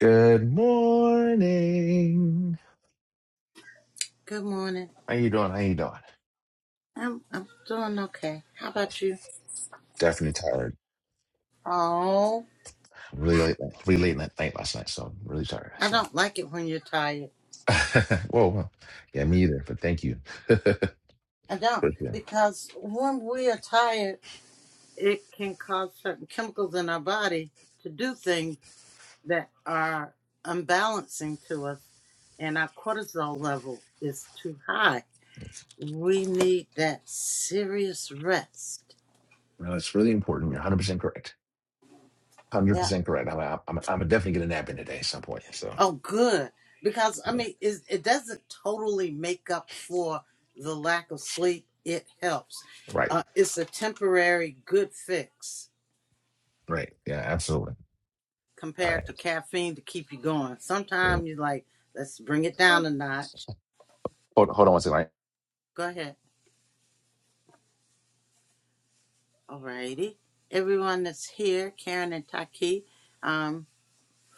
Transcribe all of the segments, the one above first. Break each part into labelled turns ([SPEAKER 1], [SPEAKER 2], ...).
[SPEAKER 1] Good morning.
[SPEAKER 2] Good morning.
[SPEAKER 1] How you doing? How you doing?
[SPEAKER 2] I'm I'm doing okay. How about you?
[SPEAKER 1] Definitely tired.
[SPEAKER 2] Oh,
[SPEAKER 1] Really late, really late night night last night, so I'm really tired.
[SPEAKER 2] I
[SPEAKER 1] So,
[SPEAKER 2] don't like it when you're tired.
[SPEAKER 1] whoa, whoa, yeah, me either. But thank you.
[SPEAKER 2] I don't
[SPEAKER 1] Appreciate it.
[SPEAKER 2] because when we are tired, it can cause certain chemicals in our body to do things that are unbalancing to us, and our cortisol level is too high. We need that serious rest.
[SPEAKER 1] No, it's really important. You're 100 percent correct. 100
[SPEAKER 2] Yeah.
[SPEAKER 1] percent correct. I'm, I'm, I'm definitely gonna nap in today at some point. So,
[SPEAKER 2] Oh, good. Because I
[SPEAKER 1] yeah,
[SPEAKER 2] mean, it, it doesn't totally make up for the lack of sleep. It helps.
[SPEAKER 1] right,
[SPEAKER 2] Uh, it's a temporary good fix
[SPEAKER 1] right, yeah, absolutely. All right.
[SPEAKER 2] compared to caffeine to keep you going.
[SPEAKER 1] Yeah.
[SPEAKER 2] Sometimes you're like, let's bring it
[SPEAKER 1] Hold,
[SPEAKER 2] down a notch.
[SPEAKER 1] hold on one second.
[SPEAKER 2] Go ahead. Alrighty. Everyone that's here, Karen and Taki, um,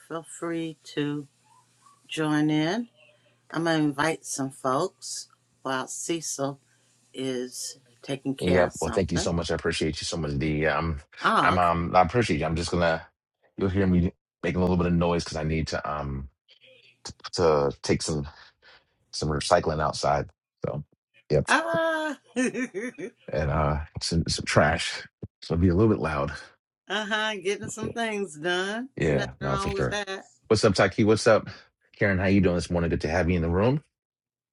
[SPEAKER 2] feel free to join in. I'm gonna invite some folks while Cecil is taking care
[SPEAKER 1] Yep.
[SPEAKER 2] of
[SPEAKER 1] Well, thank you so
[SPEAKER 2] something.
[SPEAKER 1] much. I appreciate you so much, D. Um,
[SPEAKER 2] Oh,
[SPEAKER 1] I'm
[SPEAKER 2] okay.
[SPEAKER 1] um, I appreciate you. I'm just gonna, you'll hear me making a little bit of noise because I need to um to take some some recycling outside. So, yep,
[SPEAKER 2] Ah, uh-huh,
[SPEAKER 1] and uh, some some trash. So it'll be a little bit loud.
[SPEAKER 2] getting some things done.
[SPEAKER 1] Yeah,
[SPEAKER 2] Nothing
[SPEAKER 1] no, for
[SPEAKER 2] wrong with
[SPEAKER 1] sure.
[SPEAKER 2] that.
[SPEAKER 1] What's up, Taki? What's up, Karen? How you doing this morning? Good to have you in the room.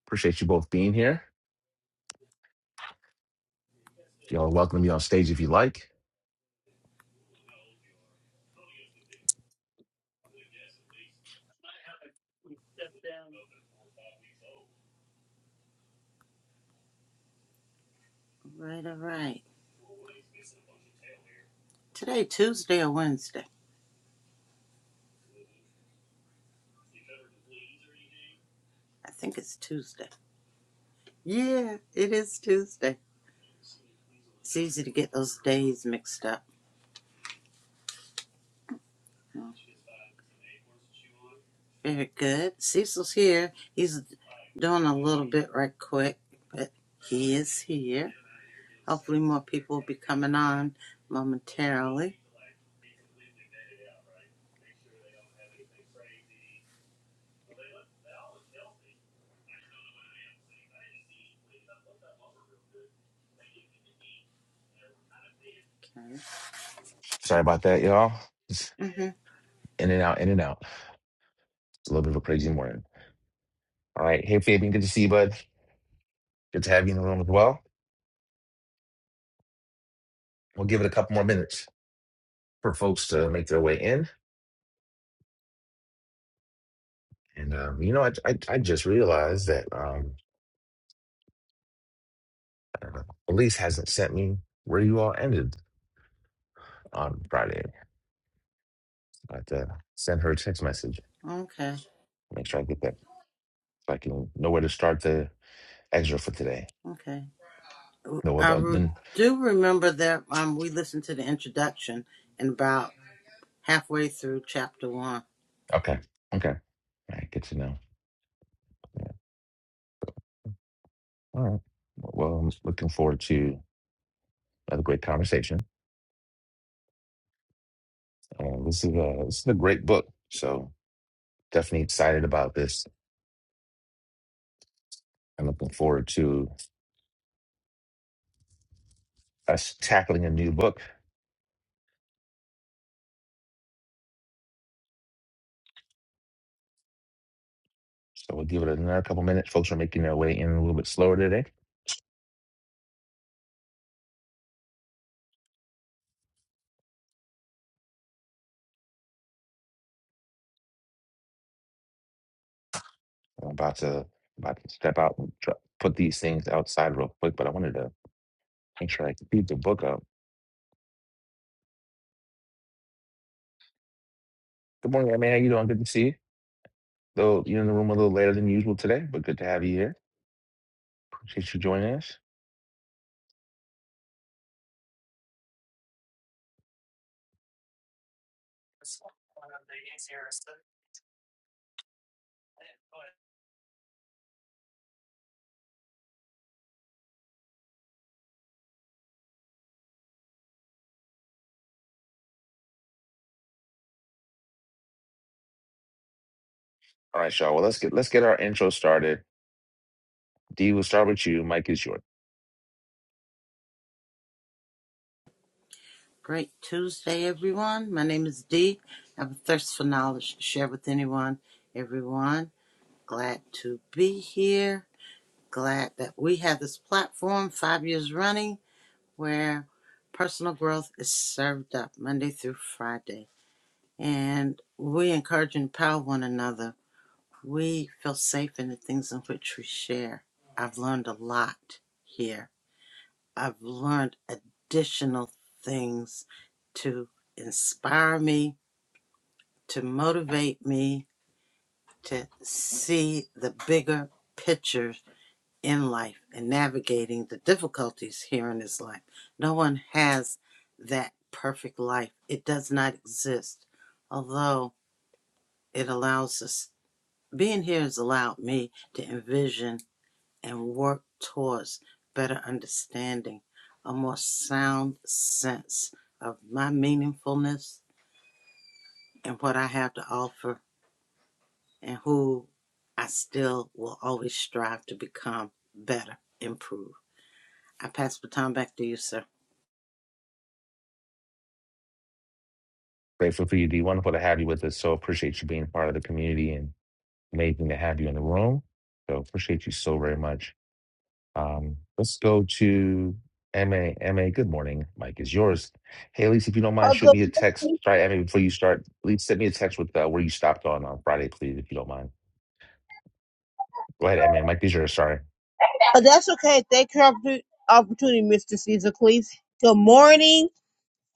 [SPEAKER 1] Appreciate you both being here. Y'all are welcome to be on stage if you like.
[SPEAKER 2] Right, all right. Today, Tuesday or Wednesday? I think it's Tuesday. Yeah, it is Tuesday. It's easy to get those days mixed up. Very good. Cecil's here. He's doing a little bit right quick, but he is here. Hopefully, more people will be coming on momentarily. Okay.
[SPEAKER 1] Sorry about that, y'all. It's
[SPEAKER 2] Mm-hmm.
[SPEAKER 1] in and out, in and out. It's a little bit of a crazy morning. All right, hey Fabian, good to see you, bud. Good to have you in the room as well. We'll give it a couple more minutes for folks to make their way in. And um, you know, I, I I just realized that um, uh, Elise hasn't sent me where you all ended on Friday. I have to send her a text message.
[SPEAKER 2] Okay.
[SPEAKER 1] Make sure I get that. So I can know where to start the extra for today.
[SPEAKER 2] Okay.
[SPEAKER 1] No, well,
[SPEAKER 2] I re-
[SPEAKER 1] then
[SPEAKER 2] do remember that um, we listened to the introduction and about halfway through chapter one.
[SPEAKER 1] okay, okay, all right, good to know. Yeah. All right. Well, I'm looking forward to another great conversation. Uh, this is a this is a great book. So definitely excited about this I'm looking forward to us tackling a new book. So we'll give it another couple minutes. Folks are making their way in a little bit slower today. I'm about to about to step out and try, put these things outside real quick, but I wanted to make sure I could read the book up. Good morning, man. How you doing? Good to see you. Though you're in the room a little later than usual today, but good to have you here. Appreciate you joining us. All right, y'all. Well, let's get let's get our intro started. D, we'll start with you. Mike is yours.
[SPEAKER 2] Great Tuesday, everyone. My name is Dee. I have a thirst for knowledge to share with anyone, everyone. Glad to be here. Glad that we have this platform five years running where personal growth is served up Monday through Friday. And we encourage and empower one another We feel safe in the things in which we share. I've learned a lot here. I've learned additional things to inspire me, to motivate me, to see the bigger picture in life and navigating the difficulties here in this life. No one has that perfect life, it does not exist, although it allows us. Being here has allowed me to envision and work towards better understanding, a more sound sense of my meaningfulness and what I have to offer, and who I still will always strive to become better, improve. I pass the baton back to you, sir.
[SPEAKER 1] Grateful for you, D. Wonderful to have you with us. So appreciate you being part of the community and. Amazing to have you in the room. So appreciate you so very much. Um, let's go to M A M A. good morning. Mike is yours. Hey, Elise, if you don't mind,
[SPEAKER 3] Oh,
[SPEAKER 1] shoot
[SPEAKER 3] good
[SPEAKER 1] me a text.
[SPEAKER 3] morning.
[SPEAKER 1] Sorry, MA, before you start, please send me a text with uh, where you stopped on on Friday, please, if you don't mind. Go ahead, MA. Mike is yours. Sorry.
[SPEAKER 3] Oh, that's okay. Thank you for the opportunity, Mr. Caesar Cleese. Good morning.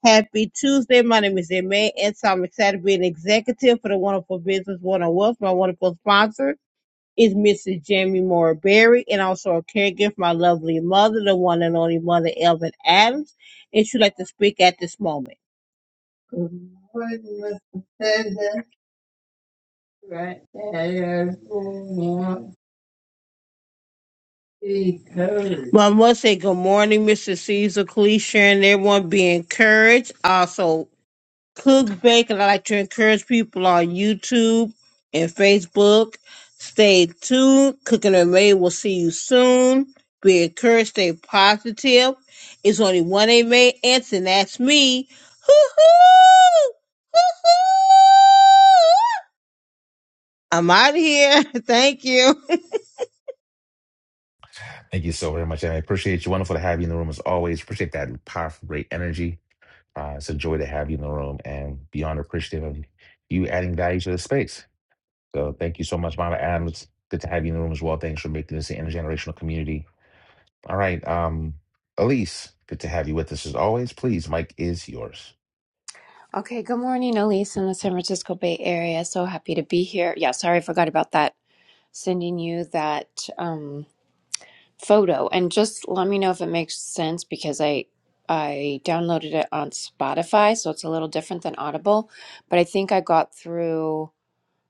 [SPEAKER 3] Happy Tuesday. My name is Emma, and so I'm excited to be an executive for the Wonderful Business One on Wealth. My wonderful sponsor is Mrs. Jamie Moore Berry, and also a caregiver for my lovely mother, the one and only mother, Elvin Adams. And she'd like to speak at this moment. Good morning, Mr. President. Well, I must say good morning, Mr. Caesar Cleese, and everyone be encouraged. Also, cook, bake, and I like to encourage people on YouTube and Facebook. Stay tuned. Cooking and May will see you soon. Be encouraged, stay positive. It's only one A May Anson, that's me. Hoo-hoo! Hoo-hoo! I'm out of here. Thank you.
[SPEAKER 1] Thank you so very much, MA. Appreciate you. Wonderful to have you in the room as always. Appreciate that powerful, great energy. Uh, it's a joy to have you in the room and beyond appreciative of you adding value to the space. So thank you so much, Mama Adams. Good to have you in the room as well. Thanks for making this an intergenerational community. All right, um, Elise, good to have you with us as always. Please, Mike is yours.
[SPEAKER 4] Okay, good morning, Elise, in the San Francisco Bay Area. So happy to be here. Yeah, sorry, I forgot about that. Sending you that um, photo, and just let me know if it makes sense because I I downloaded it on Spotify, so it's a little different than Audible. But I think I got through.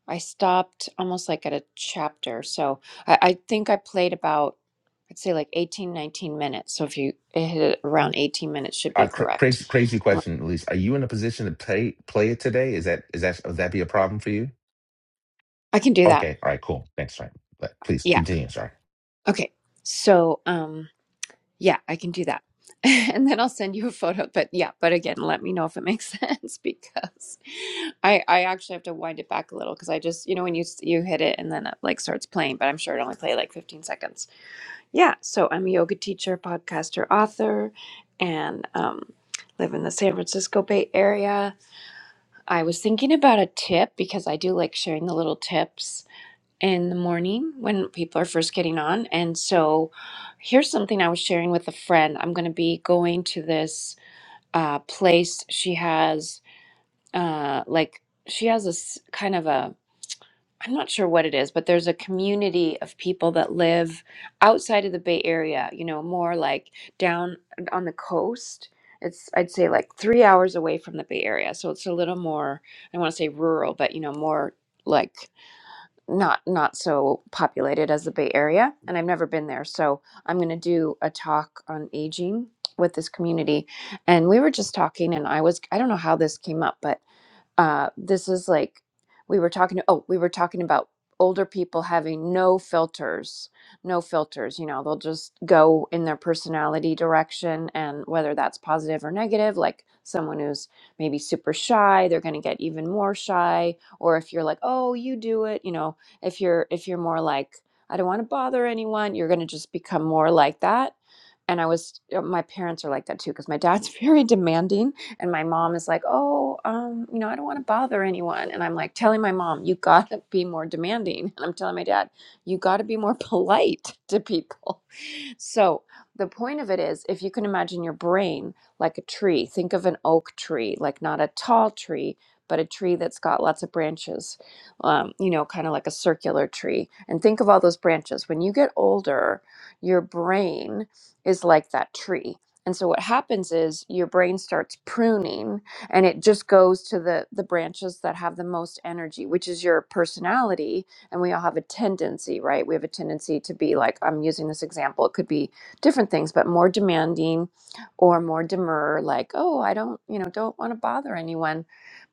[SPEAKER 4] I stopped almost like at a chapter, so I, I think I played about I'd say like 18, 19 minutes. So if you hit it around 18 minutes, should be
[SPEAKER 1] Uh, cra-
[SPEAKER 4] correct.
[SPEAKER 1] crazy, crazy question, Elise. Are you in a position to play play it today? Is that is that would that be a problem for you?
[SPEAKER 4] I can do that.
[SPEAKER 1] Okay, all right, cool. Thanks, all right. But Please
[SPEAKER 4] Yeah.
[SPEAKER 1] continue. Sorry.
[SPEAKER 4] Okay. So, um, yeah, I can do that. And then I'll send you a photo. But yeah, but again, let me know if it makes sense because I I actually have to wind it back a little because I just, you know, when you s- you hit it and then it like starts playing, but I'm sure it only played like 15 seconds. Yeah, so I'm a yoga teacher, podcaster, author, and um live in the San Francisco Bay Area. I was thinking about a tip because I do like sharing the little tips in the morning when people are first getting on. And so here's something I was sharing with a friend. I'm going to be going to this uh, place. She has, uh, like, she has this kind of a, I'm not sure what it is, but there's a community of people that live outside of the Bay Area, you know, more like down on the coast. It's, I'd say, like three hours away from the Bay Area. So it's a little more, I want to say rural, but, you know, more like not not so populated as the Bay Area, and I've never been there. So I'm going to do a talk on aging with this community, and we were just talking, and I was I don't know how this came up, but uh, this is like we were talking to. oh we were talking about older people having no filters no filters you know they'll just go in their personality direction and whether that's positive or negative like someone who's maybe super shy they're going to get even more shy or if you're like oh you do it you know if you're if you're more like i don't want to bother anyone you're going to just become more like that and i was uh, my parents are like that too because my dad's very demanding and my mom is like, oh, um, you know, I don't want to bother anyone. And I'm like telling my mom, you got to be more demanding. And I'm telling my dad, you got to be more polite to people. So the point of it is, if you can imagine your brain like a tree, think of an oak tree, like not a tall tree, but a tree that's got lots of branches, um, you know, kind of like a circular tree. And think of all those branches. When you get older, your brain is like that tree and so what happens is your brain starts pruning and it just goes to the the branches that have the most energy, which is your personality. And we all have a tendency, right? We have a tendency to be like I'm using this example, it could be different things, but more demanding or more demure like, "Oh, I don't, you know, don't want to bother anyone."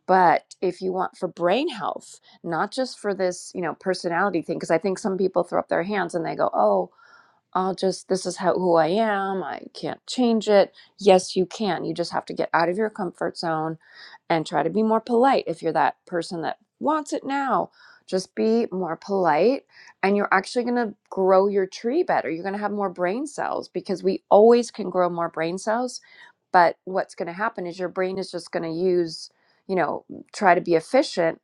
[SPEAKER 4] But if you want for brain health, not just for this, you know, personality thing because I think some people throw up their hands and they go, "Oh, I'll just this is how who I am. I can't change it. Yes, you can. You just have to get out of your comfort zone and try to be more polite if you're that person that wants it now just be more polite and you're actually going to grow your tree better you're going to have more brain cells because we always can grow more brain cells but what's going to happen is your brain is just going to use you know try to be efficient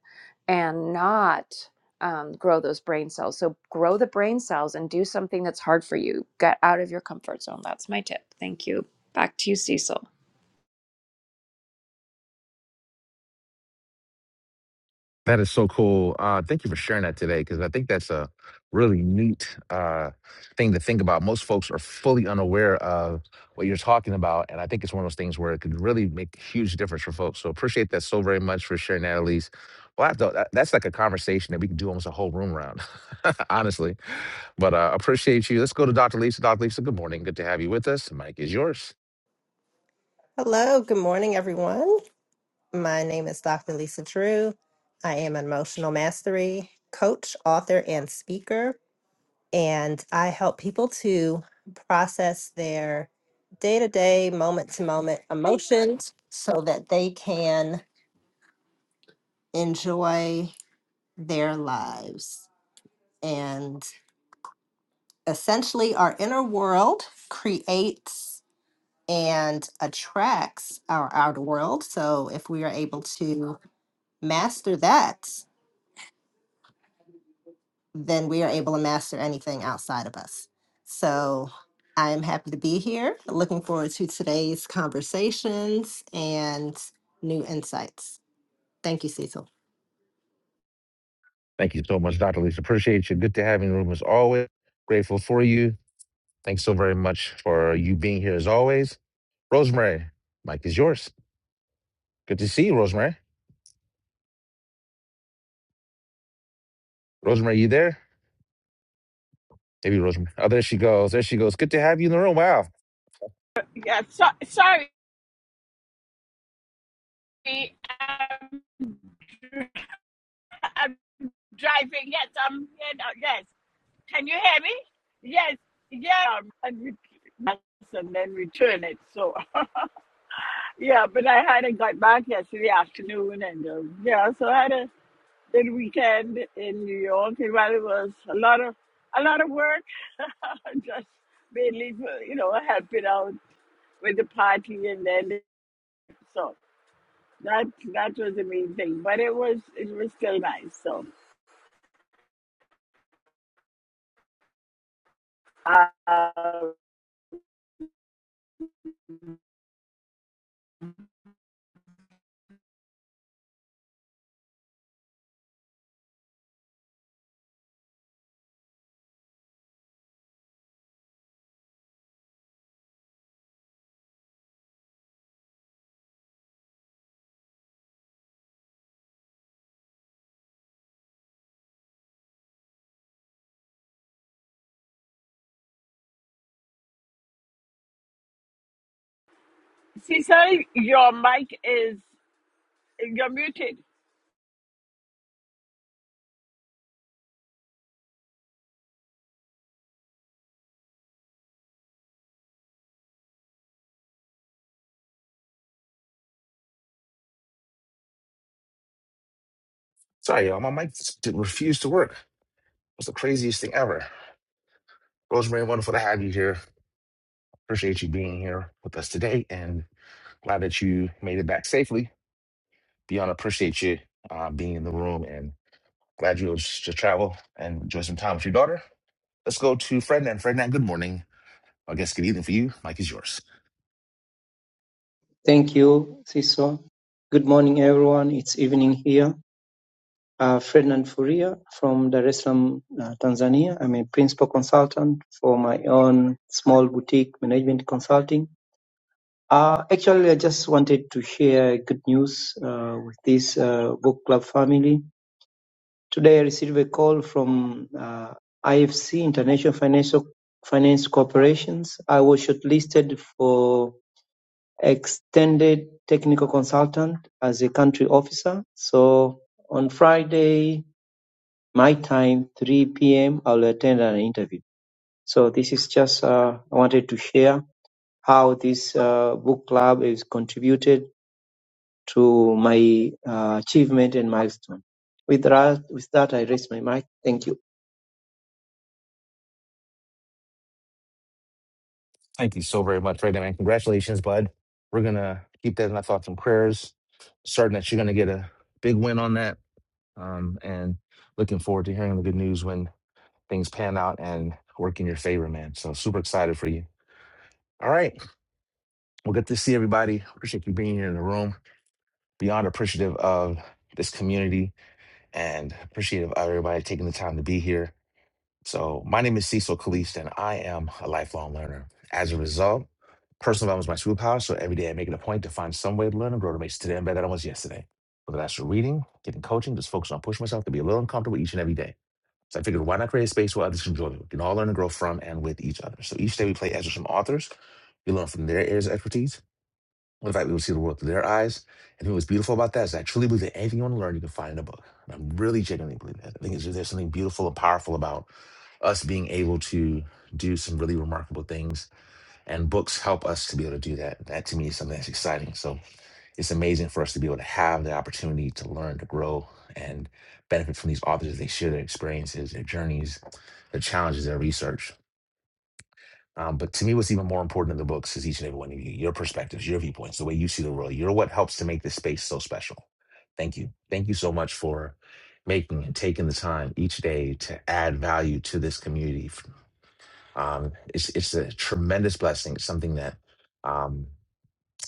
[SPEAKER 4] and not um, grow those brain cells so grow the brain cells and do something that's hard for you get out of your comfort zone that's my tip thank you back to you cecil
[SPEAKER 1] That is so cool. Uh, thank you for sharing that today because I think that's a really neat uh, thing to think about. Most folks are fully unaware of what you're talking about, and I think it's one of those things where it could really make a huge difference for folks. So appreciate that so very much for sharing that, Elise. Well, I have to, that, that's like a conversation that we can do almost a whole room around, honestly. But uh, appreciate you. Let's go to Dr. Lisa. Dr. Lisa, good morning. Good to have you with us. The mic is yours.
[SPEAKER 5] Hello, good morning, everyone. My name is Dr. Lisa Drew. I am an emotional mastery coach, author, and speaker, and I help people to process their day to day, moment to moment emotions so that they can enjoy their lives. And essentially, our inner world creates and attracts our outer world. So if we are able to master that, then we are able to master anything outside of us. So I'm happy to be here. Looking forward to today's conversations and new insights. Thank you, Cecil.
[SPEAKER 1] Thank you so much, Dr. Lisa. Appreciate you. Good to have you in the room as always. Grateful for you. Thanks so very much for you being here as always. Rosemary, Mike is yours. Good to see you, Rosemary. Rosemary, you there? Maybe Rosemary. Oh, there she goes. There she goes. Good to have you in the room. Wow.
[SPEAKER 6] Yeah, so, sorry, I'm, I'm driving. Yes, I'm here now. Yes, can you hear me? Yes, yeah. um, And we- yes, and then return it. So yeah, but I hadn't got back yesterday afternoon, and um, yeah, so I had a good weekend in New York. And while it was a lot of a lot of work, just mainly for, you know helping out with the party, and then so that that was the main thing. But it was it was still nice. So. Uh, Cecily, your mic is you're muted.
[SPEAKER 1] Sorry, y'all. My mic did refuse to work. It was the craziest thing ever. Rosemary, wonderful to have you here. Appreciate you being here with us today and glad that you made it back safely. Beyond appreciate you uh, being in the room Glad you were able to travel and enjoy some time with your daughter. Let's go to Ferdinand. Ferdinand, good morning. I guess good evening for you. Mike is yours.
[SPEAKER 7] Thank you, Siswa. Good morning, everyone. It's evening here. Uh, Ferdinand Furia from Dar es Salaam, uh, Tanzania. I'm a principal consultant for my own small boutique management consulting. Uh, actually, I just wanted to share good news uh, with this uh, book club family. Today, I received a call from uh, IFC, International Financial Finance Corporations. I was shortlisted for extended technical consultant as a country officer. So on Friday, my time, 3 p.m., I'll attend an interview. So this is just, uh, I wanted to share how this uh, book club is contributed to my uh, achievement and milestone. With that, with that, I raise my mic. Thank you.
[SPEAKER 1] Thank you so very much, Ferdinand. and Congratulations, bud. We're going to keep that in our thoughts and prayers. Certain that you're going to get a big win on that. Um, and looking forward to hearing the good news when things pan out and work in your favor, man. So super excited for you. All right. Well, good to see everybody. Appreciate you being here in the room. Beyond appreciative of this community and appreciative of everybody taking the time to be here So, my name is Cecil Kalist, and I am a lifelong learner. As a result, personal development is my superpower. So, every day I make it a point to find some way to learn and grow to make today better than I was yesterday. Whether that's through reading, getting coaching, just focusing on pushing myself to be a little uncomfortable each and every day. So, I figured why not create a space where others can join? me? We can all learn and grow from and with each other. So, each day we play as from authors. We learn from their areas of expertise. In fact, we will see the world through their eyes. And what's beautiful about that is I truly believe that anything you want to learn, you can find in a book. And I'm really genuinely believe that. I think it's- there's something beautiful and powerful about us being able to do some really remarkable things and books help us to be able to do that that to me is something that's exciting so it's amazing for us to be able to have the opportunity to learn to grow and benefit from these authors as they share their experiences their journeys their challenges their research um, but to me what's even more important than the books is each and every one of you your perspectives your viewpoints the way you see the world you're what helps to make this space so special thank you thank you so much for making and taking the time each day to add value to this community um, it's it's a tremendous blessing. It's something that um,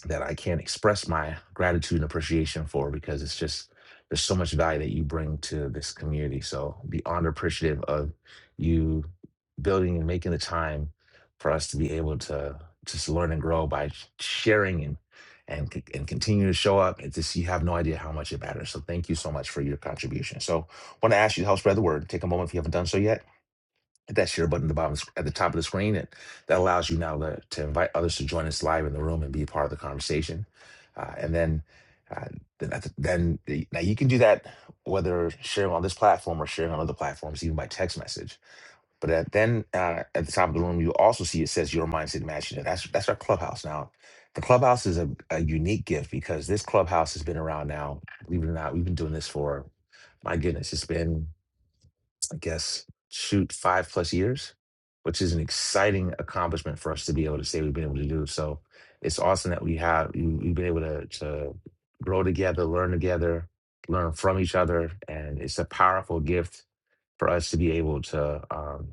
[SPEAKER 1] that I can't express my gratitude and appreciation for because it's just there's so much value that you bring to this community. So beyond appreciative of you building and making the time for us to be able to just learn and grow by sharing and and c- and continue to show up. It's just you have no idea how much it matters. So thank you so much for your contribution. So want to ask you to help spread the word. Take a moment if you haven't done so yet hit that share button at the bottom at the top of the screen and that allows you now to, to invite others to join us live in the room and be a part of the conversation uh, and then uh, then, at the- then the, now you can do that whether sharing on this platform or sharing on other platforms even by text message but at, then uh, at the top of the room you also see it says your mindset matching and that's that's our clubhouse now the clubhouse is a, a unique gift because this clubhouse has been around now believe it or not we've been doing this for my goodness it's been I guess, shoot, five plus years, which is an exciting accomplishment for us to be able to say we've been able to do. So it's awesome that we have we- we've been able to to grow together, learn together, learn from each other, and it's a powerful gift for us to be able to um,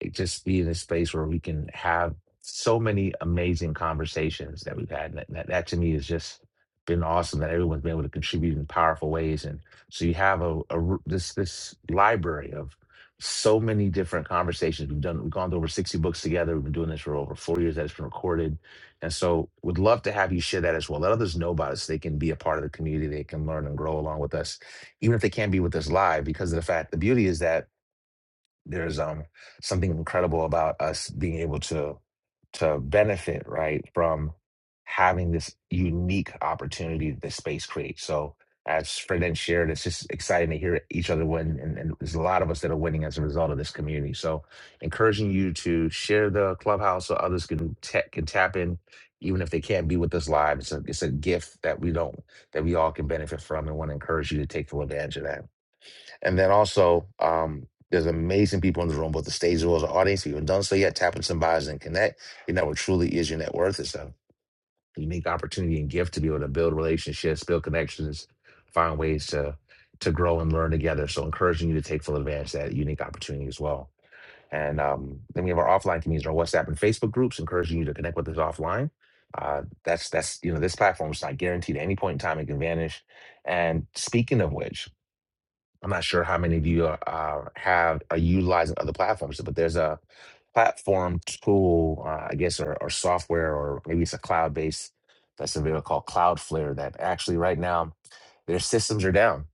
[SPEAKER 1] it just be in a space where we can have so many amazing conversations that we've had. And that, that, that to me has just been awesome that everyone's been able to contribute in powerful ways. And so you have a, a r- this this library of so many different conversations we've done. We've gone through over sixty books together. We've been doing this for over four years. That it's been recorded, and so would love to have you share that as well. Let others know about us. so they can be a part of the community. They can learn and grow along with us even if they can't be with us live, because of the fact the beauty is that there's um something incredible about us being able to to benefit right from having this unique opportunity that this space creates so as Fred and shared, it's just exciting to hear each other win, and, and there's a lot of us that are winning as a result of this community. So, encouraging you to share the clubhouse so others can ta- can tap in, even if they can't be with us live. It's a it's a gift that we don't that we all can benefit from, and want to encourage you to take full advantage of that. And then also, um, there's amazing people in the room, both the stage as well as the audience. If you haven't done so yet, tap into some bios and connect. Your network truly is your net worth. It's a unique opportunity and gift to be able to build relationships, build connections, find ways to to grow and learn together. So encouraging you to take full advantage of that unique opportunity as well. And um, then we have our offline communities, our WhatsApp and Facebook groups, encouraging you to connect with us offline. Uh, that's that's you know this platform is not guaranteed at any point in time it can vanish. And speaking of which, I'm not sure how many of you are, are have are utilizing other platforms, but there's a platform tool, uh, I guess, or, or software, or maybe it's a cloud based that's available called Cloudflare. That actually right now their systems are down.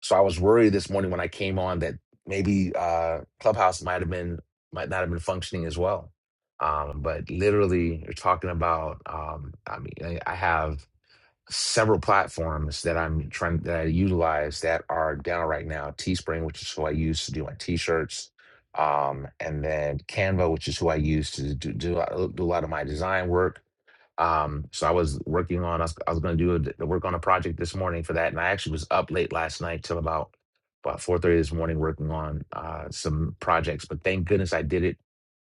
[SPEAKER 1] So I was worried this morning when I came on that maybe uh, Clubhouse might have been might not have been functioning as well. Um, but literally, you're talking about. Um, I mean, I I have several platforms that I'm trying that I utilize that are down right now. Teespring, which is who I use to do my t-shirts, um, and then Canva, which is who I use to do do, a- do a lot of my design work. Um, so I was working on I was, I was going to do a, d- work on a project this morning for that, and I actually was up late last night till about about four thirty this morning working on uh, some projects. But thank goodness I did it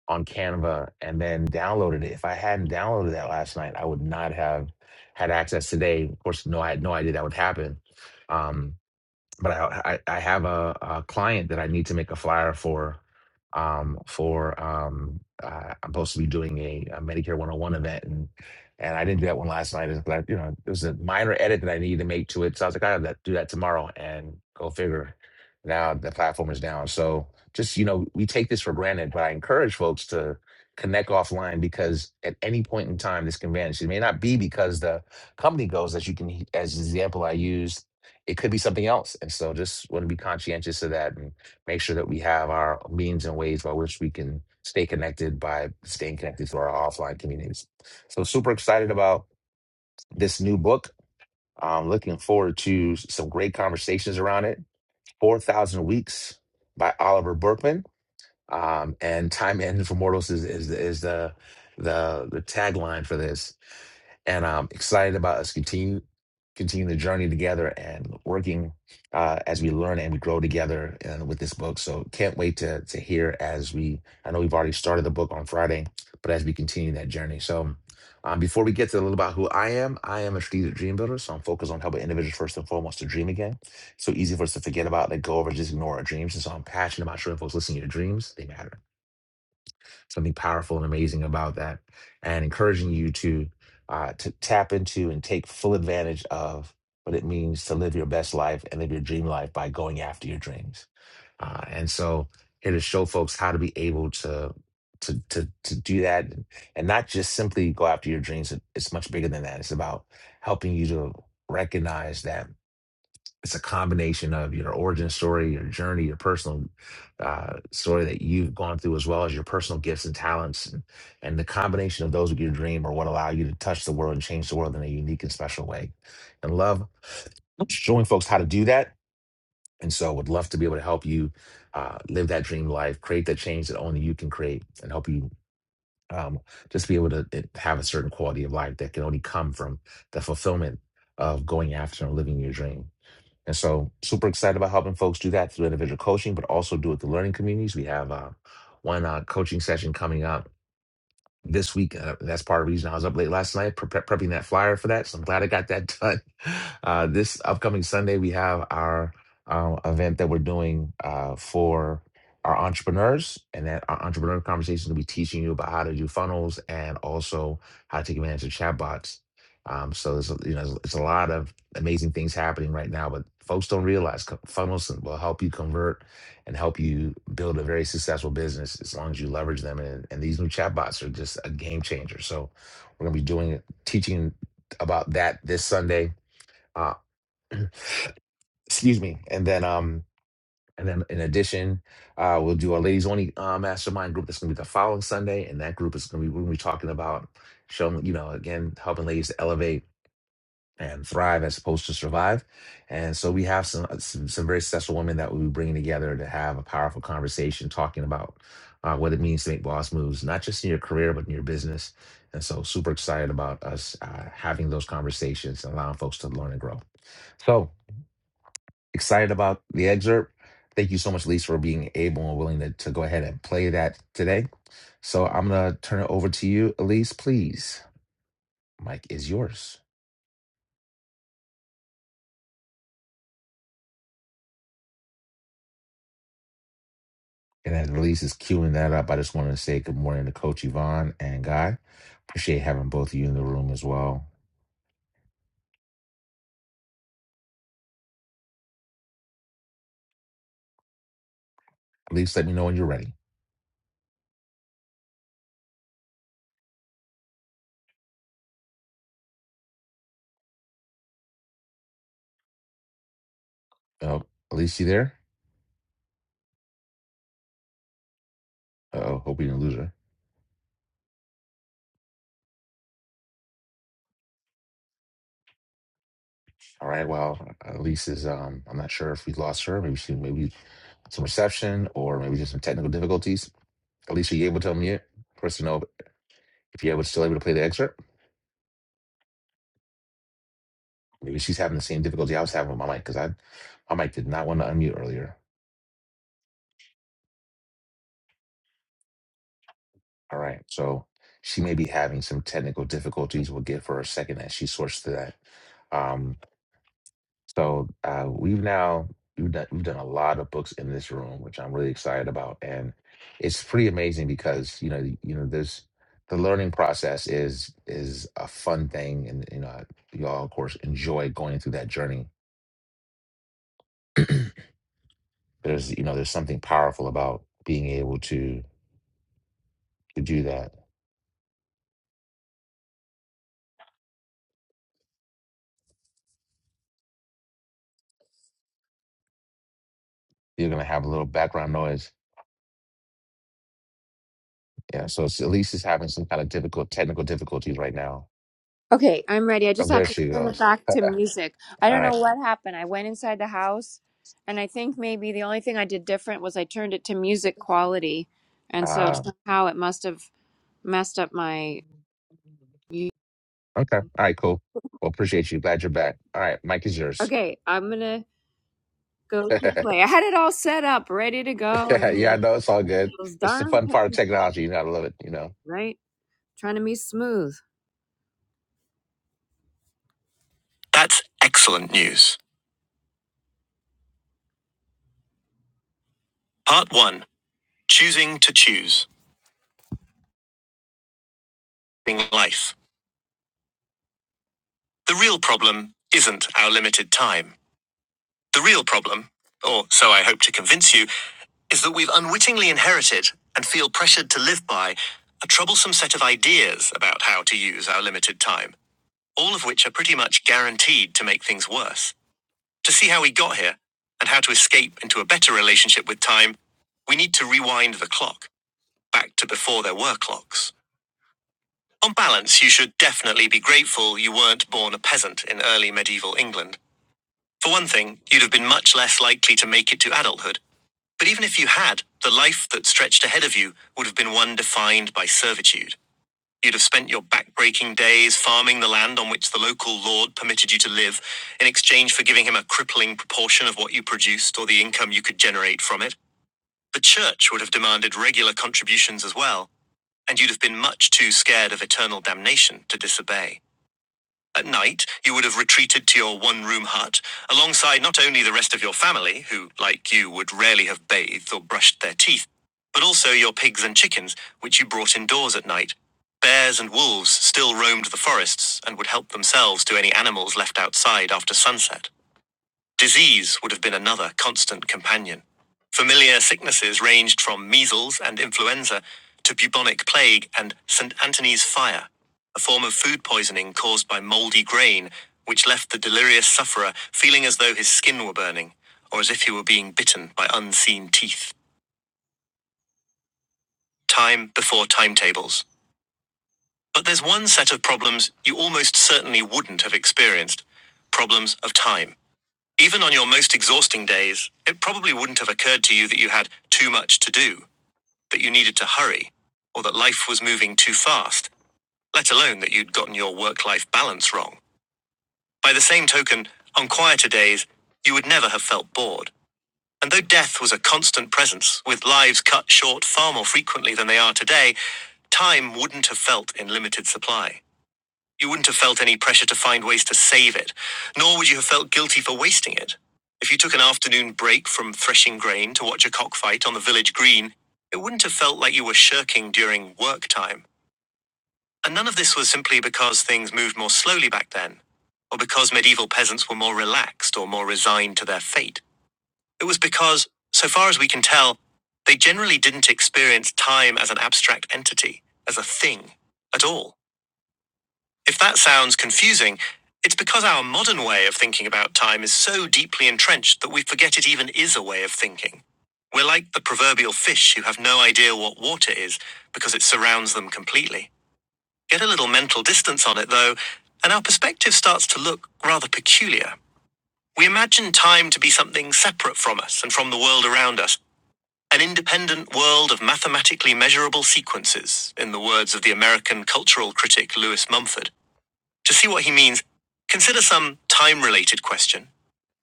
[SPEAKER 1] on Canva and then downloaded it. If I hadn't downloaded that last night, I would not have had access today. Of course, no, I had no idea that would happen. Um, but I, I I have a, a client that I need to make a flyer for. Um, for um, uh, I'm supposed to be doing a, a Medicare 101 event, and and I didn't do that one last night. It's like you know, it was a minor edit that I needed to make to it. So I was like, I have that do that tomorrow, and go figure. Now the platform is down, so just you know, we take this for granted. But I encourage folks to connect offline because at any point in time, this can vanish. It may not be because the company goes, as you can, as the example I used it could be something else. And so just want to be conscientious of that and make sure that we have our means and ways by which we can stay connected by staying connected to our offline communities. So super excited about this new book. I'm looking forward to some great conversations around it. 4,000 Weeks by Oliver Berkman um, and time in for mortals is is, is the the the tagline for this. And I'm excited about us continue continue the journey together and working uh, as we learn and we grow together and with this book. So can't wait to to hear as we. I know we've already started the book on Friday, but as we continue that journey. So. Um, before we get to a little about who I am, I am a strategic dream builder, so I'm focused on helping individuals first and foremost to dream again so easy for us to forget about, let go of, or just ignore our dreams. And so I'm passionate about showing folks listen, your dreams, they matter. Something powerful and amazing about that, and encouraging you to uh, to tap into and take full advantage of what it means to live your best life and live your dream life by going after your dreams. Uh, and so here to show folks how to be able to. To, to, to do that and not just simply go after your dreams. It- It's much bigger than that. It's about helping you to recognize that it's a combination of your origin story, your journey, your personal uh, story that you've gone through, as well as your personal gifts and talents, and, and the combination of those with your dream are what allow you to touch the world and change the world in a unique and special way. And love showing folks how to do that. And so, would love to be able to help you uh, live that dream life, create that change that only you can create, and help you um, just be able to eh, have a certain quality of life that can only come from the fulfillment of going after and living your dream. And so, super excited about helping folks do that through individual coaching, but also do it through learning communities. We have uh, one uh, coaching session coming up this week. Uh, that's part of the reason I was up late last night pre- prepping that flyer for that. So I'm glad I got that done. Uh, this upcoming Sunday, we have our uh, event that we're doing uh, for our entrepreneurs. And that our entrepreneur conversation will be teaching you about how to do funnels and also how to take advantage of chatbots. Um, so there's a- you know it's a lot of amazing things happening right now, but folks don't realize co- funnels will help you convert and help you build a very successful business as long as you leverage them. And, and these new chatbots are just a game changer. So we're gonna be doing teaching about that this Sunday. Uh, excuse me. And then um and then in addition, uh we'll do our ladies only uh, mastermind group that's gonna be the following Sunday. And that group is gonna be we're gonna be talking about showing, you know, again, helping ladies to elevate and thrive as opposed to survive. And so we have some uh, some, some very special women that we'll bringing together to have a powerful conversation talking about uh, what it means to make boss moves, not just in your career but in your business. And so super excited about us uh, having those conversations and allowing folks to learn and grow. So excited about the excerpt. Thank you so much, Lisa, for being able and willing to, to go ahead and play that today. So I'm going to turn it over to you, Elise, please. Mike is yours. And at least is queuing that up. I just wanted to say good morning to Coach Yvonne and Guy. Appreciate having both of you in the room as well. At least let me know when you're ready. Oh, Elise, you there? Uh oh, hope we didn't lose her. All right, well, Elise is, um, I'm not sure if we lost her. Maybe she, maybe some reception or maybe just some technical difficulties. Elise, are you able to unmute? First to know if you're able, still able to play the excerpt. Maybe she's having the same difficulty I was having with my mic because I, my mic did not want to unmute earlier. All right. So she may be having some technical difficulties. We'll give her a second as she sorts through that. Um, so uh, we've now we've done, we've done a lot of books in this room, which I'm really excited about, and it's pretty amazing because you know you know there's the learning process is is a fun thing, and you know you all of course enjoy going through that journey. There's you know there's something powerful about being able to to do that. You're gonna have a little background noise Yeah, so it's, at least having some kind of difficult technical difficulties right now.
[SPEAKER 4] Okay, I'm ready. I
[SPEAKER 1] Oh,
[SPEAKER 4] just had
[SPEAKER 1] there
[SPEAKER 4] to
[SPEAKER 1] she
[SPEAKER 4] turn it
[SPEAKER 1] goes.
[SPEAKER 4] back to music. I
[SPEAKER 1] All
[SPEAKER 4] don't
[SPEAKER 1] right.
[SPEAKER 4] know what happened. I went inside the house, and I think maybe the only thing I did different was I turned it to music quality, and so
[SPEAKER 1] Uh,
[SPEAKER 4] somehow it must have messed up my.
[SPEAKER 1] okay. All right, cool. Well, appreciate you. Glad you're back. All right, Mike is yours.
[SPEAKER 4] Okay, I'm gonna go to
[SPEAKER 1] yeah,
[SPEAKER 4] play. I had it all set up, ready to go, and
[SPEAKER 1] I
[SPEAKER 4] then
[SPEAKER 1] know it's all good.
[SPEAKER 4] those
[SPEAKER 1] It's the
[SPEAKER 4] darn
[SPEAKER 1] fun part of
[SPEAKER 4] things,
[SPEAKER 1] technology. You gotta love it, you know.
[SPEAKER 4] right trying to be smooth. That's excellent news. Part one: choosing to choose. in life. The real problem isn't our limited time. The real problem, or so I hope to convince you, is that we've unwittingly inherited and feel pressured to live by a troublesome set of ideas about how to use our limited time, all of which are pretty much guaranteed to make things worse. To see how we got here and how to escape into a better relationship with time, we need to rewind the clock back to before there were clocks. On balance, you should definitely be grateful you weren't born a peasant in early medieval England. For one thing, you'd have been much less likely to make it to adulthood But even if you had, the life that stretched ahead of you would have been one defined by servitude. You'd have spent your back-breaking days farming the land on which the local lord permitted you to live in exchange for giving him a crippling proportion of what you produced or the income you could generate from it. The church would have demanded regular contributions as well, and you'd have been much too scared of eternal damnation to disobey. At night, you would have retreated to your one room hut, alongside not only the rest of your family, who, like you, would rarely have bathed or brushed their teeth, but also your pigs and chickens, which you brought indoors at night. Bears and wolves still roamed the forests and would help themselves to any animals left outside after sunset. Disease would have been another constant companion. Familiar sicknesses ranged from measles and influenza to bubonic plague and St. Anthony's fire, a form of food poisoning caused by moldy grain, which left the delirious sufferer feeling as though his skin were burning, or as if he were being bitten by unseen teeth. Time before timetables. But there's one set of problems you almost certainly wouldn't have experienced problems of time. Even on your most exhausting days, it probably wouldn't have occurred to you that you had too much to do, that you needed to hurry, or that life was moving too fast, let alone that you'd gotten your work life balance wrong. By the same token, on quieter days, you would never have felt bored. And though death was a constant presence, with lives cut short far more frequently than they are today, time wouldn't have felt in limited supply. You wouldn't have felt any pressure to find ways to save it, nor would you have felt guilty for wasting it. If you took an afternoon break from threshing grain to watch a cockfight on the village green, it wouldn't have felt like you were shirking during work time. And none of this was simply because things moved more slowly back then, or because medieval peasants were more relaxed or more resigned to their fate. It was because, so far as we can tell, they generally didn't experience time as an abstract entity, as a thing, at all. If that sounds confusing, it's because our modern way of thinking about time is so deeply entrenched that we forget it even is a way of thinking. We're like the proverbial fish who have no idea what water is because it surrounds them completely. Get a little mental distance on it, though, and our perspective starts to look rather peculiar. We imagine time to be something separate from us and from the world around us, an independent world of mathematically measurable sequences, in the words of the American cultural critic Lewis Mumford. To see what he means, consider some time related question.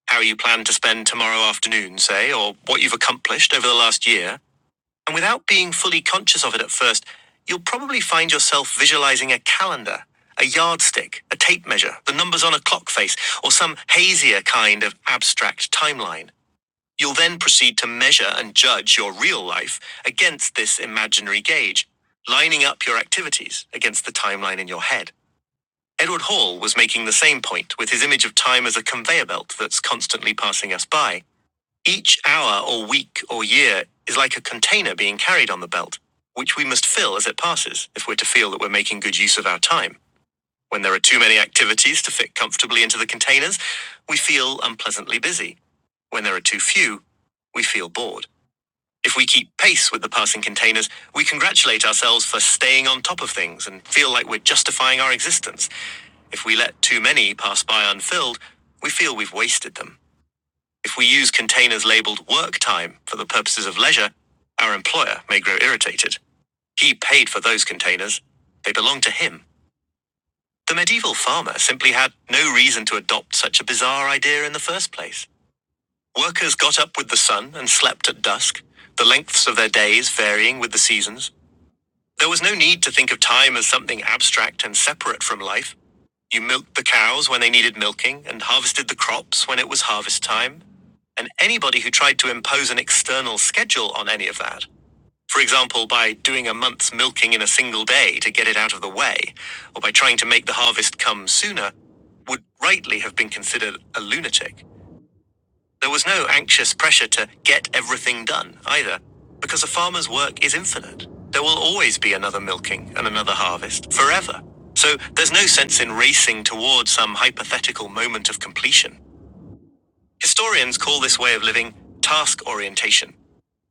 [SPEAKER 4] How you plan to spend tomorrow afternoon, say, or what you've accomplished over the last year. And without being fully conscious of it at first, you'll probably find yourself visualizing a calendar, a yardstick, a tape measure, the numbers on a clock face, or some hazier kind of abstract timeline. You'll then proceed to measure and judge your real life against this imaginary gauge, lining up your activities against the timeline in your head. Edward Hall was making the same point with his image of time as a conveyor belt that's constantly passing us by. Each hour or week or year is like a container being carried on the belt, which we must fill as it passes if we're to feel that we're making good use of our time. When there are too many activities to fit comfortably into the containers, we feel unpleasantly busy. When there are too few, we feel bored. If we keep pace with the passing containers, we congratulate ourselves for staying on top of things and feel like we're justifying our existence. If we let too many pass by unfilled, we feel we've wasted them. If we use containers labeled work time for the purposes of leisure, our employer may grow irritated. He paid for those containers. They belong to him. The medieval farmer simply had no reason to adopt such a bizarre idea in the first place. Workers got up with the sun and slept at dusk, the lengths of their days varying with the seasons. There was no need to think of time as something abstract and separate from life. You milked the cows when they needed milking and harvested the crops when it was harvest time. And anybody who tried to impose an external schedule on any of that, for example, by doing a month's milking in a single day to get it out of the way, or by trying to make the harvest come sooner, would rightly have been considered a lunatic. There was no anxious pressure to get everything done either, because a farmer's work is infinite. There will always be another milking and another harvest, forever. So there's no sense in racing toward some hypothetical moment of completion. Historians call this way of living task orientation,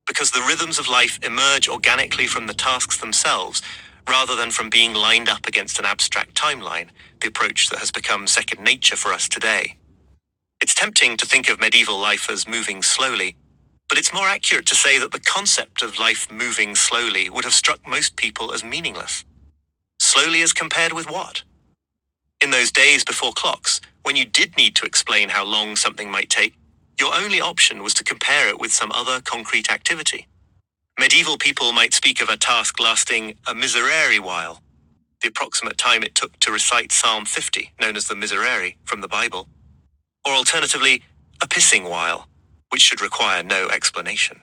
[SPEAKER 4] because the rhythms of life emerge organically from the tasks themselves, rather than from being lined up against an abstract timeline, the approach that has become second nature for us today. It's tempting to think of medieval life as moving slowly, but it's more accurate to say that the concept of life moving slowly would have struck most people as meaningless. Slowly as compared with what? In those days before clocks, when you did need to explain how long something might take, your only option was to compare it with some other concrete activity. Medieval people might speak of a task lasting a miserere while, the approximate time it took to recite Psalm 50, known as the Miserere, from the Bible or alternatively, a pissing while, which should require no explanation.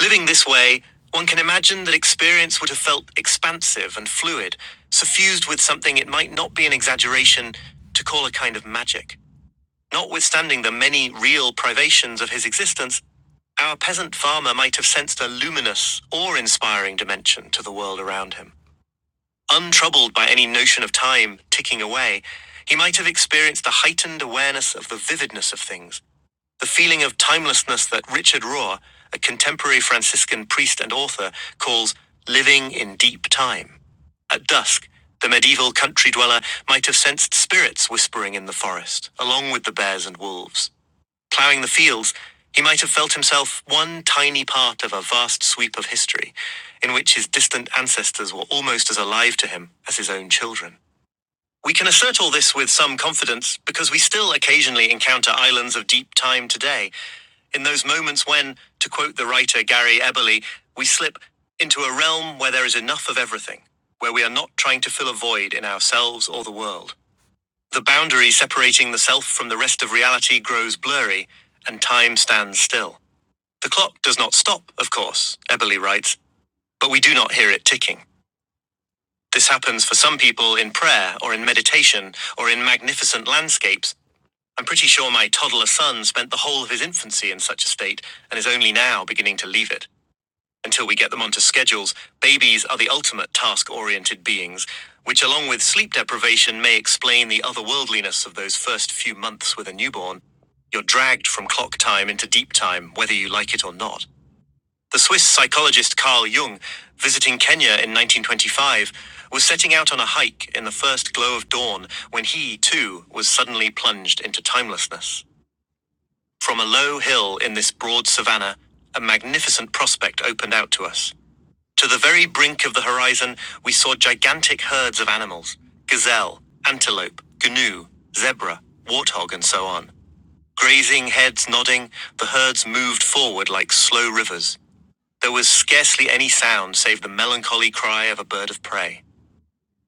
[SPEAKER 4] Living this way, one can imagine that experience would have felt expansive and fluid, suffused with something it might not be an exaggeration to call a kind of magic. Notwithstanding the many real privations of his existence, our peasant farmer might have sensed a luminous, awe inspiring dimension to the world around him. Untroubled by any notion of time ticking away, he might have experienced the heightened awareness of the vividness of things, the feeling of timelessness that Richard Rohr, a contemporary Franciscan priest and author, calls living in deep time. At dusk, the medieval country dweller might have sensed spirits whispering in the forest, along with the bears and wolves. Ploughing the fields, he might have felt himself one tiny part of a vast sweep of history, in which his distant ancestors were almost as alive to him as his own children. We can assert all this with some confidence because we still occasionally encounter islands of deep time today, in those moments when, to quote the writer Gary Eberly, we slip into a realm where there is enough of everything, where we are not trying to fill a void in ourselves or the world. The boundary separating the self from the rest of reality grows blurry, and time stands still. The clock does not stop, of course, Eberly writes, but we do not hear it ticking. This happens for some people in prayer or in meditation or in magnificent landscapes, I'm pretty sure my toddler son spent the whole of his infancy in such a state and is only now beginning to leave it. Until we get them onto schedules, babies are the ultimate task oriented beings, which, along with sleep deprivation, may explain the otherworldliness of those first few months with a newborn. You're dragged from clock time into deep time, whether you like it or not. The Swiss psychologist Carl Jung, visiting Kenya in 1925, was setting out on a hike in the first glow of dawn when he, too, was suddenly plunged into timelessness. From a low hill in this broad savannah, a magnificent prospect opened out to us. To the very brink of the horizon, we saw gigantic herds of animals gazelle, antelope, gnu, zebra, warthog, and so on. Grazing heads nodding, the herds moved forward like slow rivers. There was scarcely any sound save the melancholy cry of a bird of prey.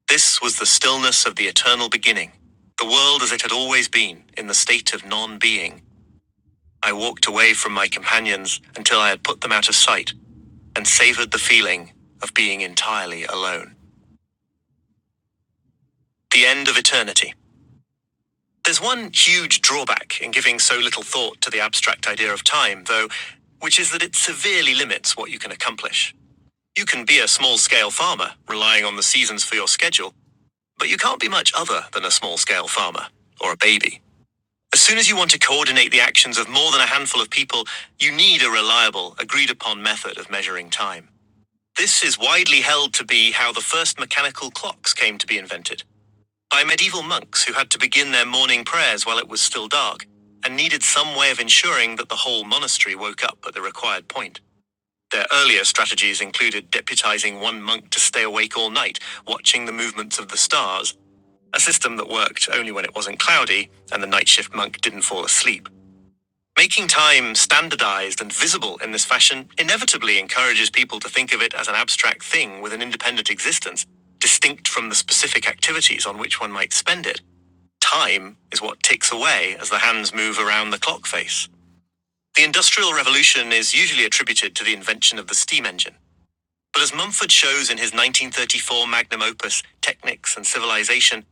[SPEAKER 4] This was the stillness of the eternal beginning. The world as it had always been, in the state of non being, I walked away from my companions until I had put them out of sight and savored the feeling of being entirely alone. The end of eternity. There's one huge drawback in giving so little thought to the abstract idea of time, though, which is that it severely limits what you can accomplish. You can be a small scale farmer, relying on the seasons for your schedule, but you can't be much other than a small scale farmer or a baby. As soon as you want to coordinate the actions of more than a handful of people, you need a reliable, agreed upon method of measuring time. This is widely held to be how the first mechanical clocks came to be invented by medieval monks who had to begin their morning prayers while it was still dark and needed some way of ensuring that the whole monastery woke up at the required point. Their earlier strategies included deputizing one monk to stay awake all night, watching the movements of the stars, a system that worked only when it wasn't cloudy and the night shift monk didn't fall asleep. Making time standardized and visible in this fashion inevitably encourages people to think of it as an abstract thing with an independent existence, distinct from the specific activities on which one might spend it. Time is what ticks away as the hands move around the clock face. The Industrial Revolution is usually attributed to the invention of the steam engine. But as Mumford shows in his 1934 magnum opus, Technics and Civilization,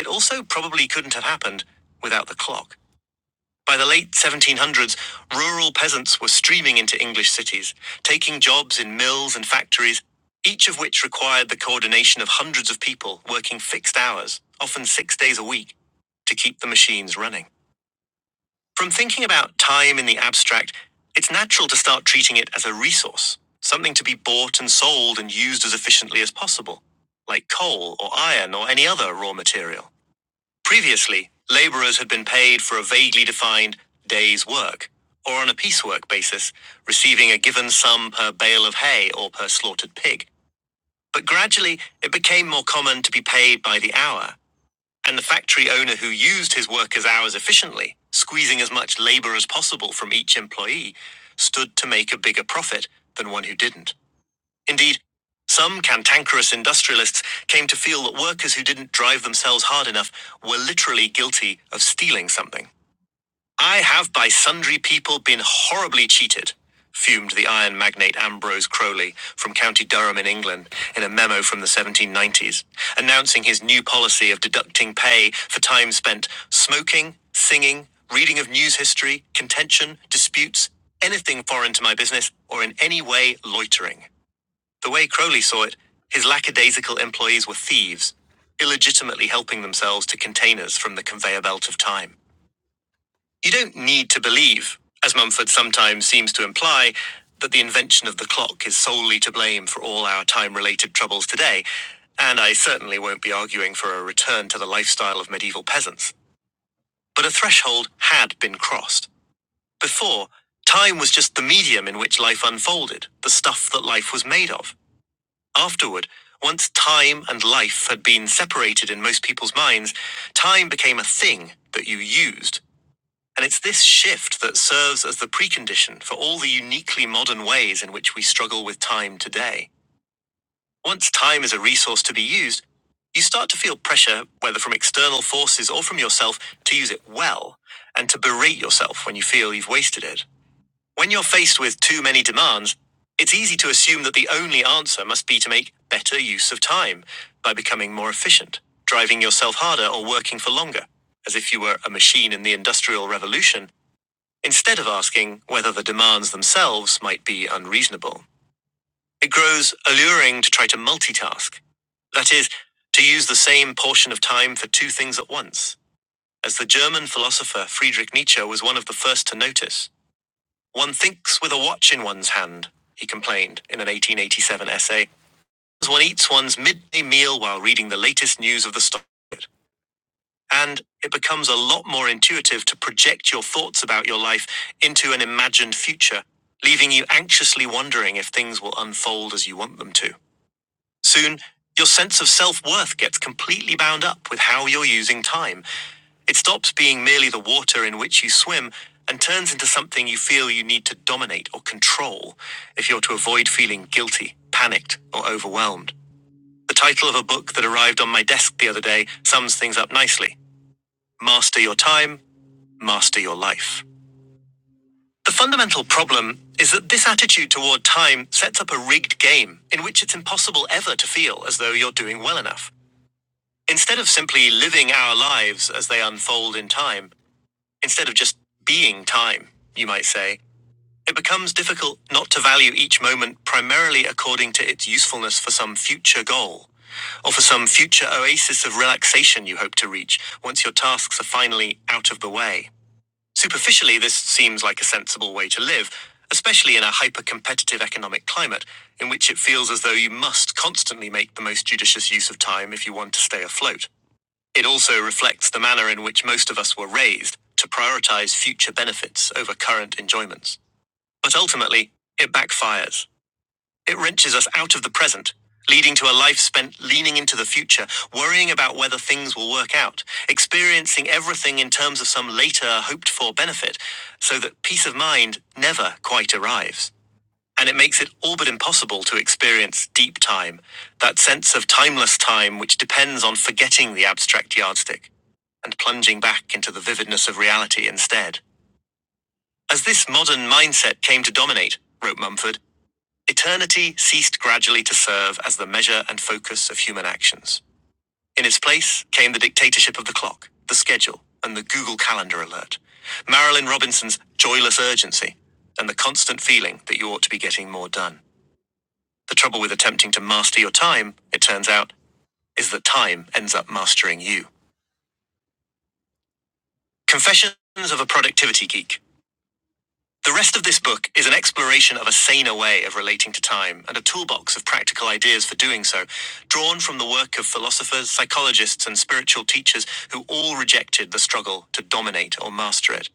[SPEAKER 4] it also probably couldn't have happened without the clock. By the late 1700s, rural peasants were streaming into English cities, taking jobs in mills and factories, each of which required the coordination of hundreds of people working fixed hours, often six days a week, to keep the machines running. From thinking about time in the abstract, it's natural to start treating it as a resource, something to be bought and sold and used as efficiently as possible, like coal or iron or any other raw material. Previously, labourers had been paid for a vaguely defined day's work, or on a piecework basis, receiving a given sum per bale of hay or per slaughtered pig. But gradually, it became more common to be paid by the hour, and the factory owner who used his workers' hours efficiently, squeezing as much labour as possible from each employee, stood to make a bigger profit than one who didn't. Indeed, some cantankerous industrialists came to feel that workers who didn't drive themselves hard enough were literally guilty of stealing something. I have by sundry people been horribly cheated, fumed the iron magnate Ambrose Crowley from County Durham in England in a memo from the 1790s, announcing his new policy of deducting pay for time spent smoking, singing, reading of news history, contention, disputes, anything foreign to my business, or in any way loitering. The way Crowley saw it, his lackadaisical employees were thieves, illegitimately helping themselves to containers from the conveyor belt of time. You don't need to believe, as Mumford sometimes seems to imply, that the invention of the clock is solely to blame for all our time related troubles today, and I certainly won't be arguing for a return to the lifestyle of medieval peasants. But a threshold had been crossed. Before, time was just the medium in which life unfolded, the stuff that life was made of. Afterward, once time and life had been separated in most people's minds, time became a thing that you used. And it's this shift that serves as the precondition for all the uniquely modern ways in which we struggle with time today. Once time is a resource to be used, you start to feel pressure, whether from external forces or from yourself, to use it well and to berate yourself when you feel you've wasted it. When you're faced with too many demands, it's easy to assume that the only answer must be to make better use of time by becoming more efficient, driving yourself harder, or working for longer, as if you were a machine in the Industrial Revolution, instead of asking whether the demands themselves might be unreasonable. It grows alluring to try to multitask. That is, to use the same portion of time for two things at once, as the German philosopher Friedrich Nietzsche was one of the first to notice. One thinks with a watch in one's hand, he complained in an 1887 essay, as one eats one's midday meal while reading the latest news of the stock market. And it becomes a lot more intuitive to project your thoughts about your life into an imagined future, leaving you anxiously wondering if things will unfold as you want them to. Soon, your sense of self worth gets completely bound up with how you're using time. It stops being merely the water in which you swim and turns into something you feel you need to dominate or control if you're to avoid feeling guilty, panicked, or overwhelmed. The title of a book that arrived on my desk the other day sums things up nicely Master Your Time, Master Your Life. The fundamental problem is that this attitude toward time sets up a rigged game in which it's impossible ever to feel as though you're doing well enough. Instead of simply living our lives as they unfold in time, instead of just being time, you might say, it becomes difficult not to value each moment primarily according to its usefulness for some future goal, or for some future oasis of relaxation you hope to reach once your tasks are finally out of the way. Superficially, this seems like a sensible way to live, especially in a hyper competitive economic climate, in which it feels as though you must constantly make the most judicious use of time if you want to stay afloat. It also reflects the manner in which most of us were raised to prioritize future benefits over current enjoyments. But ultimately, it backfires. It wrenches us out of the present, leading to a life spent leaning into the future, worrying about whether things will work out, experiencing everything in terms of some later hoped for benefit, so that peace of mind never quite arrives and it makes it all but impossible to experience deep time, that sense of timeless time which depends on forgetting the abstract yardstick and plunging back into the vividness of reality instead. As this modern mindset came to dominate, wrote Mumford, eternity ceased gradually to serve as the measure and focus of human actions. In its place came the dictatorship of the clock, the schedule, and the Google Calendar alert, Marilyn Robinson's joyless urgency, and the constant feeling that you ought to be getting more done. The trouble with attempting to master your time, it turns out, is that time ends up mastering you. Confessions of a Productivity Geek. The rest of this book is an exploration of a saner way of relating to time and a toolbox of practical ideas for doing so, drawn from the work of philosophers, psychologists, and spiritual teachers who all rejected the struggle to dominate or master it.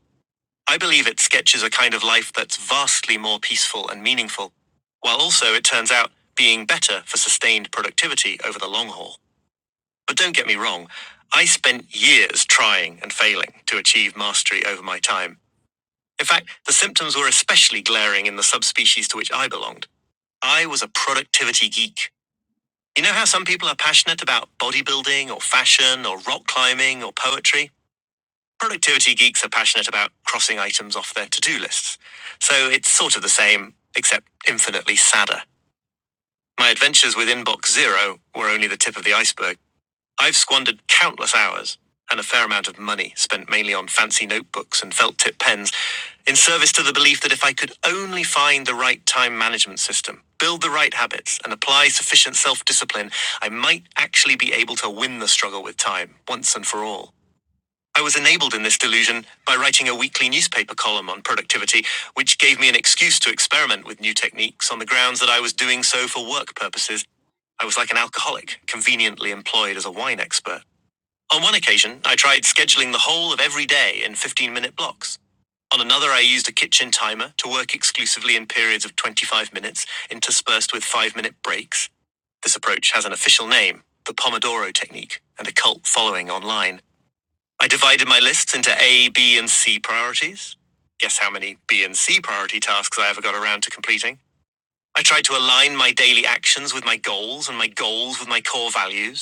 [SPEAKER 4] I believe it sketches a kind of life that's vastly more peaceful and meaningful, while also, it turns out, being better for sustained productivity over the long haul. But don't get me wrong, I spent years trying and failing to achieve mastery over my time. In fact, the symptoms were especially glaring in the subspecies to which I belonged. I was a productivity geek. You know how some people are passionate about bodybuilding or fashion or rock climbing or poetry? Productivity geeks are passionate about crossing items off their to do lists. So it's sort of the same, except infinitely sadder. My adventures with Inbox Zero were only the tip of the iceberg. I've squandered countless hours and a fair amount of money spent mainly on fancy notebooks and felt tip pens in service to the belief that if I could only find the right time management system, build the right habits, and apply sufficient self discipline, I might actually be able to win the struggle with time once and for all. I was enabled in this delusion by writing a weekly newspaper column on productivity, which gave me an excuse to experiment with new techniques on the grounds that I was doing so for work purposes I was like an alcoholic, conveniently employed as a wine expert. On one occasion, I tried scheduling the whole of every day in 15 minute blocks. On another, I used a kitchen timer to work exclusively in periods of 25 minutes, interspersed with 5 minute breaks. This approach has an official name, the Pomodoro Technique, and a cult following online. I divided my lists into A, B, and C priorities. Guess how many B and C priority tasks I ever got around to completing? I tried to align my daily actions with my goals and my goals with my core values.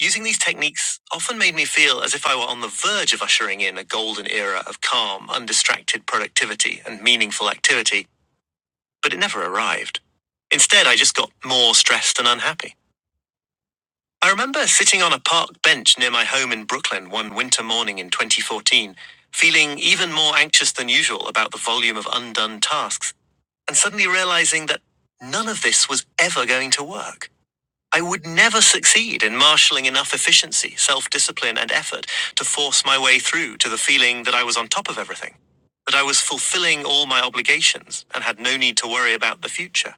[SPEAKER 4] Using these techniques often made me feel as if I were on the verge of ushering in a golden era of calm, undistracted productivity and meaningful activity, but it never arrived. Instead, I just got more stressed and unhappy. I remember sitting on a park bench near my home in Brooklyn one winter morning in 2014, feeling even more anxious than usual about the volume of undone tasks, and suddenly realizing that none of this was ever going to work. I would never succeed in marshalling enough efficiency, self discipline, and effort to force my way through to the feeling that I was on top of everything, that I was fulfilling all my obligations and had no need to worry about the future.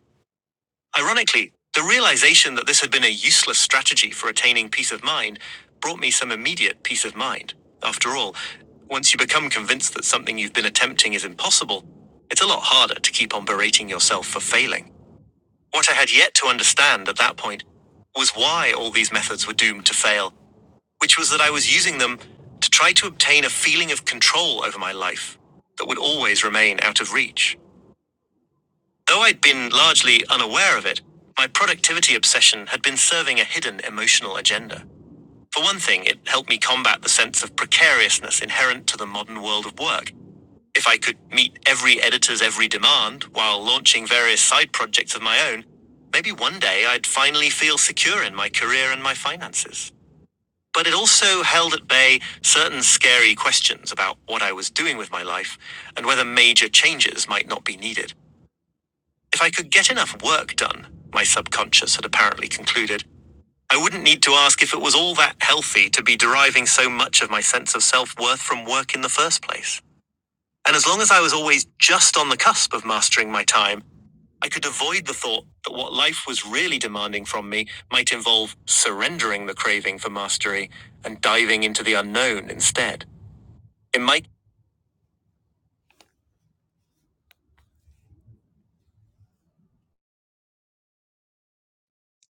[SPEAKER 4] Ironically, the realization that this had been a useless strategy for attaining peace of mind brought me some immediate peace of mind. After all, once you become convinced that something you've been attempting is impossible, it's a lot harder to keep on berating yourself for failing. What I had yet to understand at that point was why all these methods were doomed to fail, which was that I was using them to try to obtain a feeling of control over my life that would always remain out of reach. Though I'd been largely unaware of it, my productivity obsession had been serving a hidden emotional agenda. For one thing, it helped me combat the sense of precariousness inherent to the modern world of work if I could meet every editor's every demand while launching various side projects of my own, maybe one day I'd finally feel secure in my career and my finances. But it also held at bay certain scary questions about what I was doing with my life and whether major changes might not be needed. If I could get enough work done, my subconscious had apparently concluded, I wouldn't need to ask if it was all that healthy to be deriving so much of my sense of self worth from work in the first place. And as long as I was always just on the cusp of mastering my time, I could avoid the thought that what life was really demanding from me might involve surrendering the craving for mastery and diving into the unknown instead. In my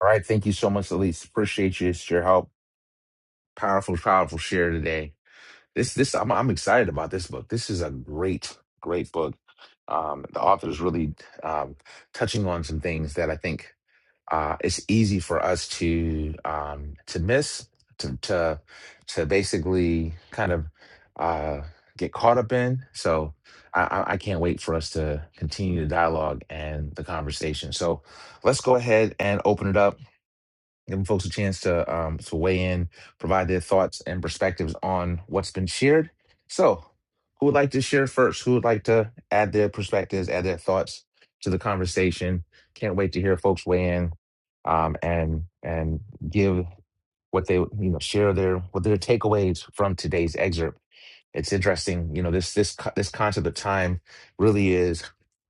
[SPEAKER 1] All right, thank you so much, Elise. Appreciate you. It's your help. Powerful, powerful share today. This this I'm I'm excited about this book. This is a great, great book. Um, the author is really um, touching on some things that I think uh, it's easy for us to um, to miss to to to basically kind of uh, get caught up in. So I, I I can't wait for us to continue the dialogue and the conversation. So let's go ahead and open it up giving folks a chance to um, to weigh in, provide their thoughts and perspectives on what's been shared. So, who would like to share first? Who would like to add their perspectives, add their thoughts to the conversation? Can't wait to hear folks weigh in um, and and give what they you know share their what their takeaways from today's excerpt. It's interesting, you know this this co- this concept of time really is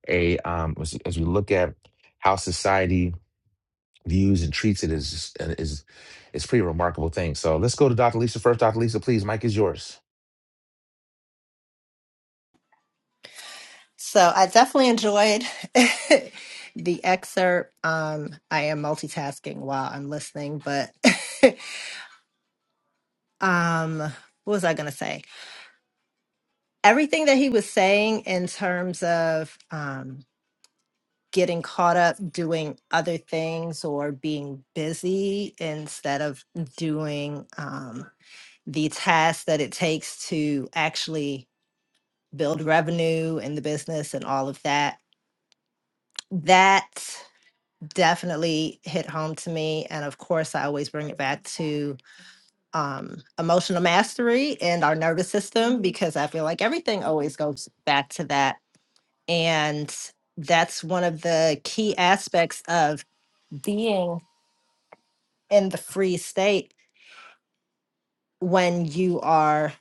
[SPEAKER 1] a um, as as we look at how society views and treats it is is is pretty remarkable thing. So let's go to Dr. Lisa first. Dr. Lisa, please, Mike is yours.
[SPEAKER 5] So I definitely enjoyed the excerpt. Um, I am multitasking while I'm listening, but um, what was I going to say? Everything that he was saying in terms of um, getting caught up doing other things or being busy instead of doing um, the tasks that it takes to actually build revenue in the business and all of that. That definitely hit home to me. And of course, I always bring it back to um, emotional mastery and our nervous system because I feel like everything always goes back to that. And that's one of the key aspects of being in the free state when you are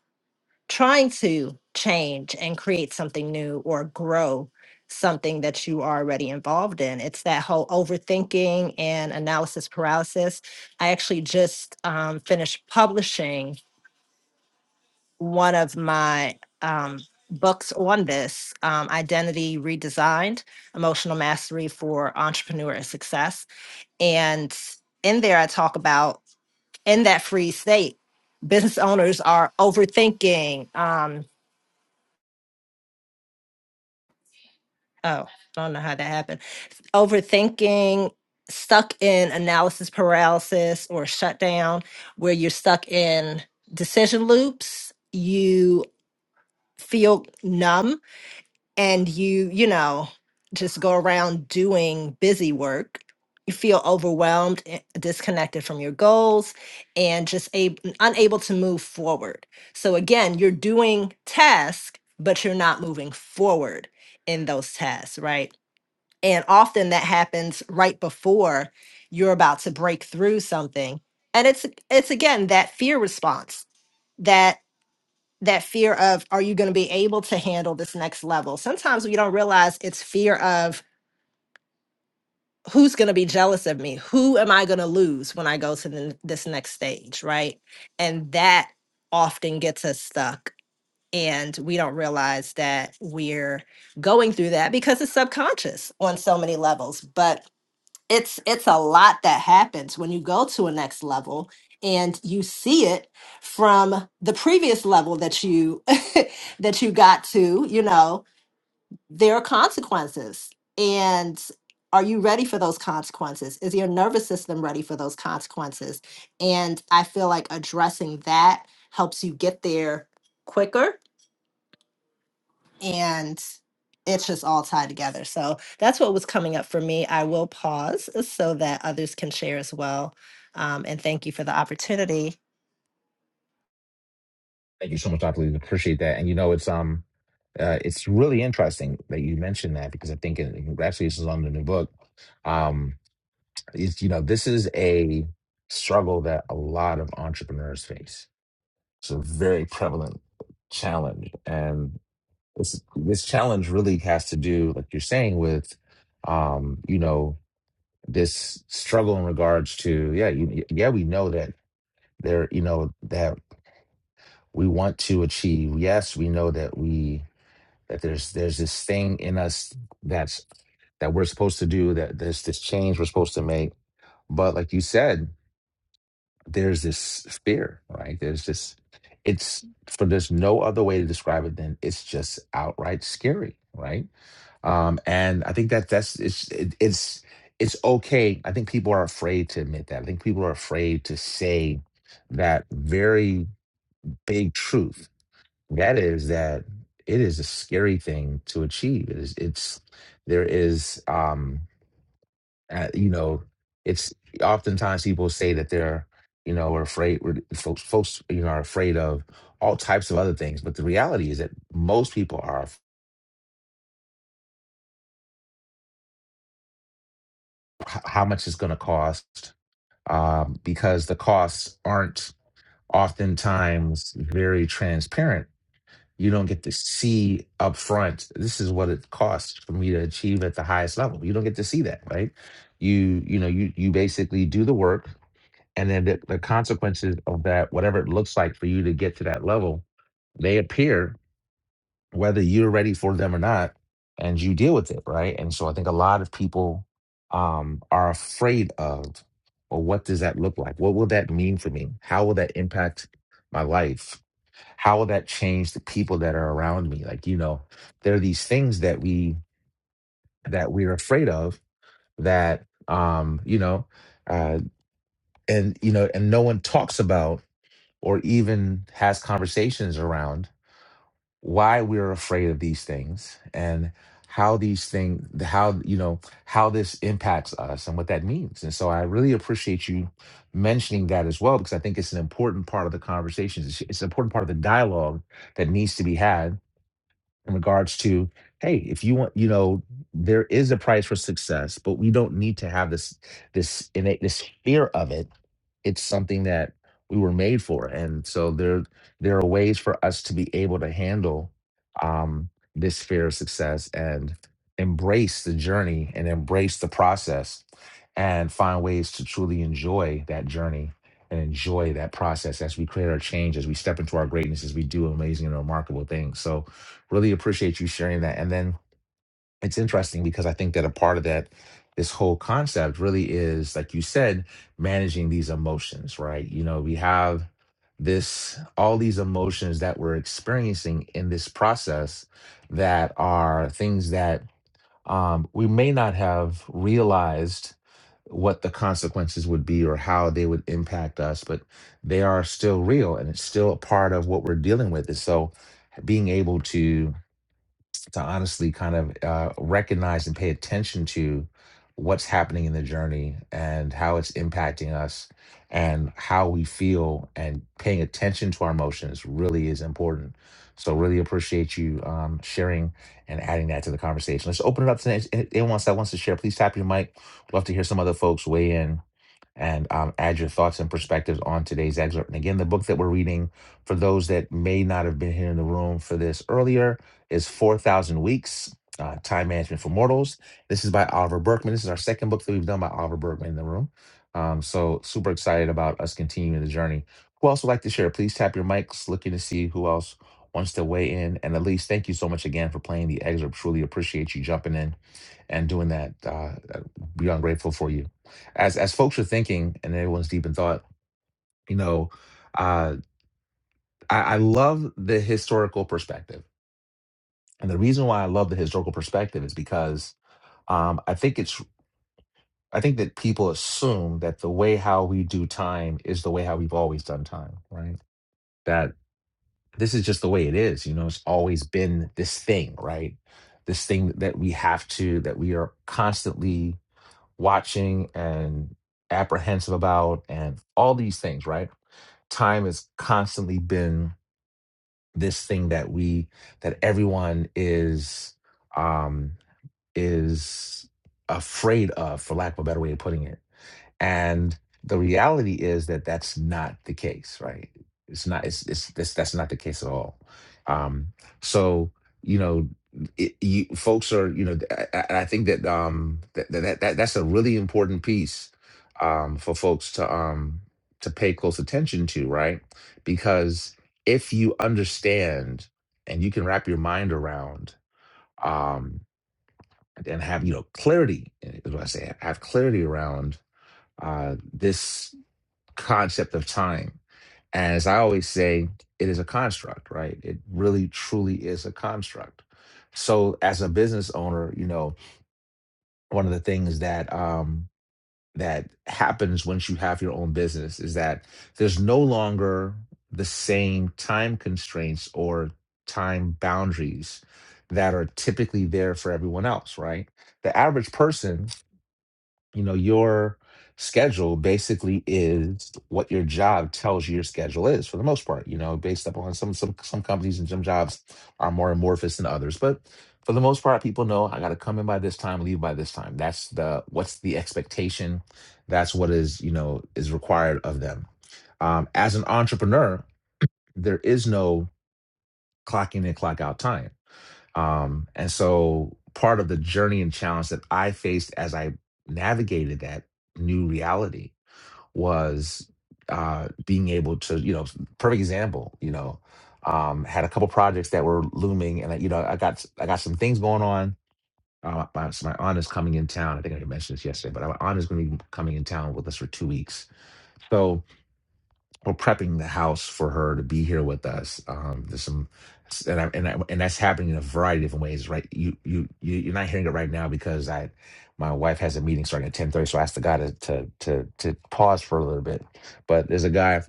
[SPEAKER 5] trying to change and create something new or grow something that you are already involved in. It's that whole overthinking and analysis paralysis. I actually just um, finished publishing one of my um, books on this um, Identity Redesigned Emotional Mastery for Entrepreneur Success. And in there, I talk about in that free state. Business owners are overthinking. Um, oh, I don't know how that happened. Overthinking, stuck in analysis paralysis or shutdown, where you're stuck in decision loops. You feel numb and you, you know, just go around doing busy work, you feel overwhelmed, eh, disconnected from your goals, and just ab- unable to move forward. So, again, you're doing tasks, but you're not moving forward in those tasks, right? And often that happens right before you're about to break through something. And it's it's again that fear response that that fear of are you going to be able to handle this next level sometimes we don't realize it's fear of who's going to be jealous of me who am i going to lose when i go to the, this next stage right and that often gets us stuck and we don't realize that we're going through that because it's subconscious on so many levels but it's it's a lot that happens when you go to a next level and you see it from the previous level that you that you got to you know there are consequences and are you ready for those consequences is your nervous system ready for those consequences and i feel like addressing that helps you get there quicker and it's just all tied together. So that's what was coming up for me. I will pause so that others can share as well. Um, and thank you for the opportunity.
[SPEAKER 1] Thank you so much, Dr. Lisa. Appreciate that. And you know, it's um, uh, it's really interesting that you mentioned that because I think it it actually this is on the new book. Um, it's you know, this is a struggle that a lot of entrepreneurs face. It's a very prevalent challenge, and this this challenge really has to do, like you're saying, with um, you know, this struggle in regards to yeah you, yeah we know that there you know that we want to achieve yes we know that we that there's there's this thing in us that's that we're supposed to do that there's this change we're supposed to make but like you said there's this fear right there's this it's for there's no other way to describe it than it's just outright scary right um and i think that that's it's it, it's it's okay i think people are afraid to admit that i think people are afraid to say that very big truth that is that it is a scary thing to achieve it is it's there is um uh, you know it's oftentimes people say that they're you know are afraid we're- folks folks you know are afraid of all types of other things but the reality is that most people are af- h- how much it's going to cost um, because the costs aren't oftentimes very transparent. You don't get to see upfront, this is what it costs for me to achieve at the highest level. You don't get to see that, right? You, you know, you you basically do the work and then the, the consequences of that, whatever it looks like for you to get to that level, they appear whether you're ready for them or not, and you deal with it, right? And so I think a lot of people um, are afraid of, well, what does that look like? What will that mean for me? How will that impact my life? How will that change the people that are around me? Like, you know, there are these things that we that we're afraid of that um, you know, uh, and you know, and no one talks about or even has conversations around why we're afraid of these things and how these things how you know how this impacts us and what that means and so i really appreciate you mentioning that as well because i think it's an important part of the conversations it's, it's an important part of the dialogue that needs to be had in regards to hey if you want you know there is a price for success but we don't need to have this this innate this fear of it it's something that we were made for and so there there are ways for us to be able to handle um this fear of success and embrace the journey and embrace the process and find ways to truly enjoy that journey and enjoy that process as we create our change as we step into our greatness as we do amazing and remarkable things so Really appreciate you sharing that. And then it's interesting because I think that a part of that, this whole concept really is, like you said, managing these emotions, right? You know, we have this, all these emotions that we're experiencing in this process that are things that um, we may not have realized what the consequences would be or how they would impact us, but they are still real and it's still a part of what we're dealing with. And so being able to to honestly kind of uh, recognize and pay attention to what's happening in the journey and how it's impacting us and how we feel and paying attention to our emotions really is important so really appreciate you um, sharing and adding that to the conversation let's open it up to anyone else that wants to share please tap your mic love to hear some other folks weigh in and um, add your thoughts and perspectives on today's excerpt. And again, the book that we're reading, for those that may not have been here in the room for this earlier, is 4,000 Weeks uh, Time Management for Mortals. This is by Oliver Berkman. This is our second book that we've done by Oliver Berkman in the room. Um, so, super excited about us continuing the journey. Who else would like to share? Please tap your mics, looking to see who else wants to weigh in. And Elise, thank you so much again for playing the excerpt. Truly appreciate you jumping in and doing that. Uh, we grateful for you. As as folks are thinking, and everyone's deep in thought, you know, uh, I, I love the historical perspective, and the reason why I love the historical perspective is because um, I think it's I think that people assume that the way how we do time is the way how we've always done time, right? That this is just the way it is. You know, it's always been this thing, right? This thing that we have to that we are constantly watching and apprehensive about and all these things right time has constantly been this thing that we that everyone is um is afraid of for lack of a better way of putting it and the reality is that that's not the case, right? It's not. It's it's this. That's not the case at all. Um, so you know, it, you folks are you know, I, I I think that um that, that that that's a really important piece um for folks to um to pay close attention to, right? Because if you understand and you can wrap your mind around um and have you know clarity is what I say have clarity around uh, this concept of time. As I always say, it is a construct, right? It really, truly is a construct. So, as a business owner, you know, one of the things that um, that happens once you have your own business is that there's no longer the same time constraints or time boundaries that are typically there for everyone else, right? The average person you know your schedule basically is what your job tells you your schedule is for the most part you know based upon some some some companies and some jobs are more amorphous than others but for the most part people know i got to come in by this time leave by this time that's the what's the expectation that's what is you know is required of them um, as an entrepreneur there is no clock in and clock out time um, and so part of the journey and challenge that I faced as I navigated that new reality was uh, being able to, you know, perfect example, you know, um, had a couple projects that were looming, and I, you know, I got I got some things going on. Uh, my, so my aunt is coming in town. I think I mentioned this yesterday, but my aunt is going to be coming in town with us for two weeks. So we're prepping the house for her to be here with us. Um, there's some, and I, and I, and that's happening in a variety of different ways. Right, you you you you're not hearing it right now because I, my wife has a meeting starting at ten thirty, so I asked the guy to to to to pause for a little bit. But there's a guy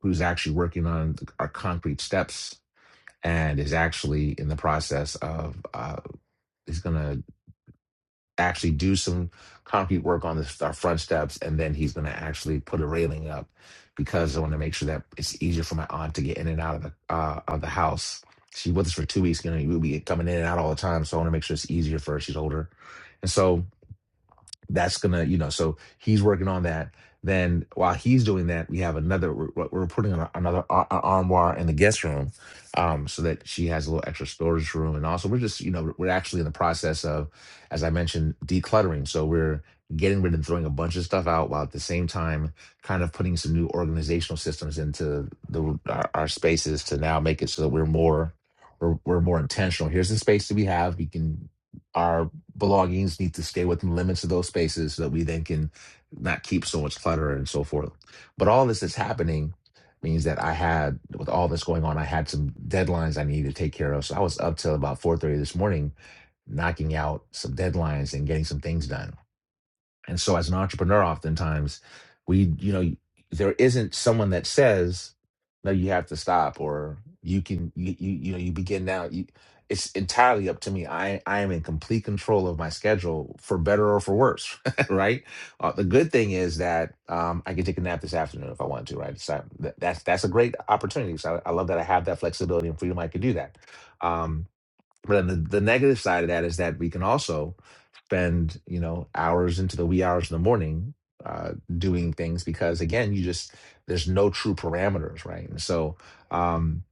[SPEAKER 1] who's actually working on our concrete steps and is actually in the process of uh, he's gonna actually do some concrete work on the, our front steps, and then he's going to actually put a railing up because I want to make sure that it's easier for my aunt to get in and out of the uh, of the house. She was with us for two weeks, you know, we'll be coming in and out all the time, so I want to make sure it's easier for her. She's older, and so that's gonna you know so he's working on that then while he's doing that we have another we're, we're we're putting on another a- a- armoire in the guest room um so that she has a little extra storage room and also we're just you know we're actually in the process of as i mentioned decluttering so we're getting rid and throwing a bunch of stuff out while at the same time kind of putting some new organizational systems into the our, our spaces to now make it so that we're more we're, we're more intentional here's the space that we have we can belongings need to stay within the limits of those spaces so that we then can not keep so much clutter and so forth. But all this that's happening means that I had with all this going on, I had some deadlines I needed to take care of. So I was up till about 4:30 this morning knocking out some deadlines and getting some things done. And so as an entrepreneur, oftentimes we, you know, there isn't someone that says, no, you have to stop or you can, you, you, you know, you begin now. You, it's entirely up to me. I, I am in complete control of my schedule for better or for worse, right? Uh, the good thing is that um, I can take a nap this afternoon if I want to, right? So that, that's, that's a great opportunity. So I, I love that I have that flexibility and freedom. I can do that. Um, but then the, the negative side of that is that we can also spend, you know, hours into the wee hours in the morning uh, doing things because again, you just there's no true parameters, right? And so, um,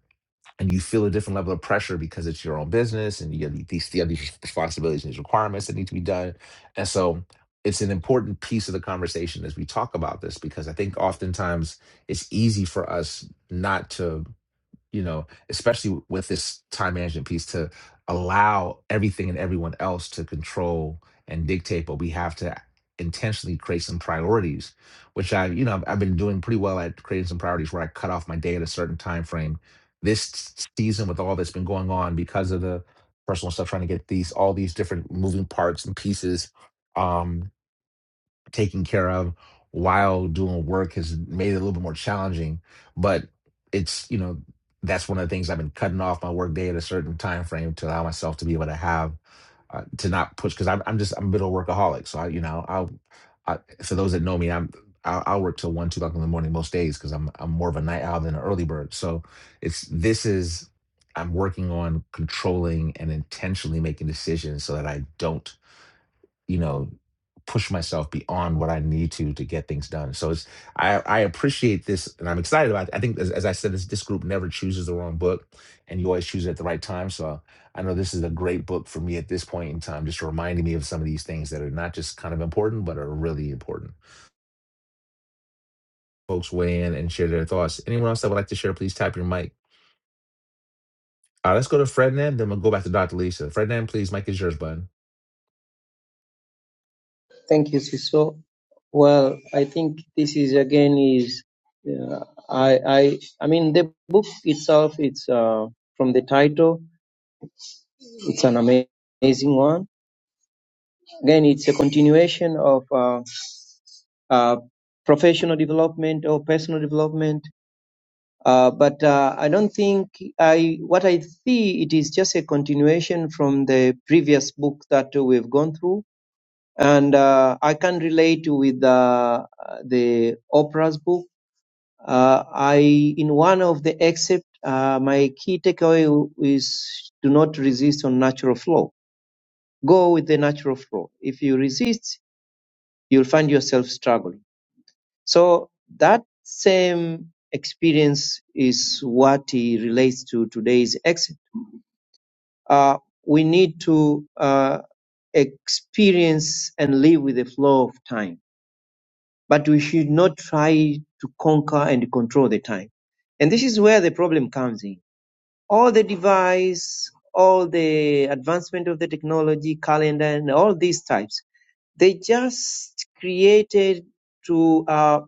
[SPEAKER 1] and you feel a different level of pressure because it's your own business and you have these, you have these responsibilities and these requirements that need to be done. And so, it's an important piece of the conversation as we talk about this because I think oftentimes it's easy for us not to you know, especially with this time management piece to allow everything and everyone else to control and dictate, but we have to intentionally create some priorities, which I, you know, I've I've been doing pretty well at creating some priorities where I cut off my day at a certain time frame. This s- season with all that's been going on because of the personal stuff, trying to get these all these different moving parts and pieces. Um, taken care of while doing work has made it a little bit more challenging. But it's, you know, that's one of the things I've been cutting off my work day at a certain time frame to allow myself to be able to have uh, to not push because I'm I'm just I'm a bit of a workaholic. So I, you know, I'll I, for those that know me, I'm I'll, I'll work till one, two o'clock in the morning most days because I'm I'm more of a night owl than an early bird. So it's this is I'm working on controlling and intentionally making decisions so that I don't you know push myself beyond what I need to to get things done. So it's I I appreciate this and I'm excited about it. I think as, as I said this this group never chooses the wrong book and you always choose it at the right time. So I know this is a great book for me at this point in time just reminding me of some of these things that are not just kind of important but are really important. Folks weigh in and share their thoughts. Anyone else that would like to share please tap your mic. Uh, let's go to Frednan. then we'll go back to Dr. Lisa. Frednan, please mic is yours bud.
[SPEAKER 7] Thank you, Siso. Well, I think this is again is uh, I I I mean the book itself. It's uh, from the title. It's an ama- amazing one. Again, it's a continuation of uh, uh, professional development or personal development. Uh, but uh, I don't think I what I see it is just a continuation from the previous book that we've gone through, and uh, I can relate with uh, the Oprah's book Uh, I in one of the excerpt, uh, my key takeaway is do not resist on natural flow. Go with the natural flow. If you resist, you'll find yourself struggling. So that same experience is what he relates to today's excerpt. Uh, we need to uh, experience and live with the flow of time, but we should not try to conquer and control the time. And this is where the problem comes in all the device, all the advancement of the technology, calendar, and all these types. They just created to uh,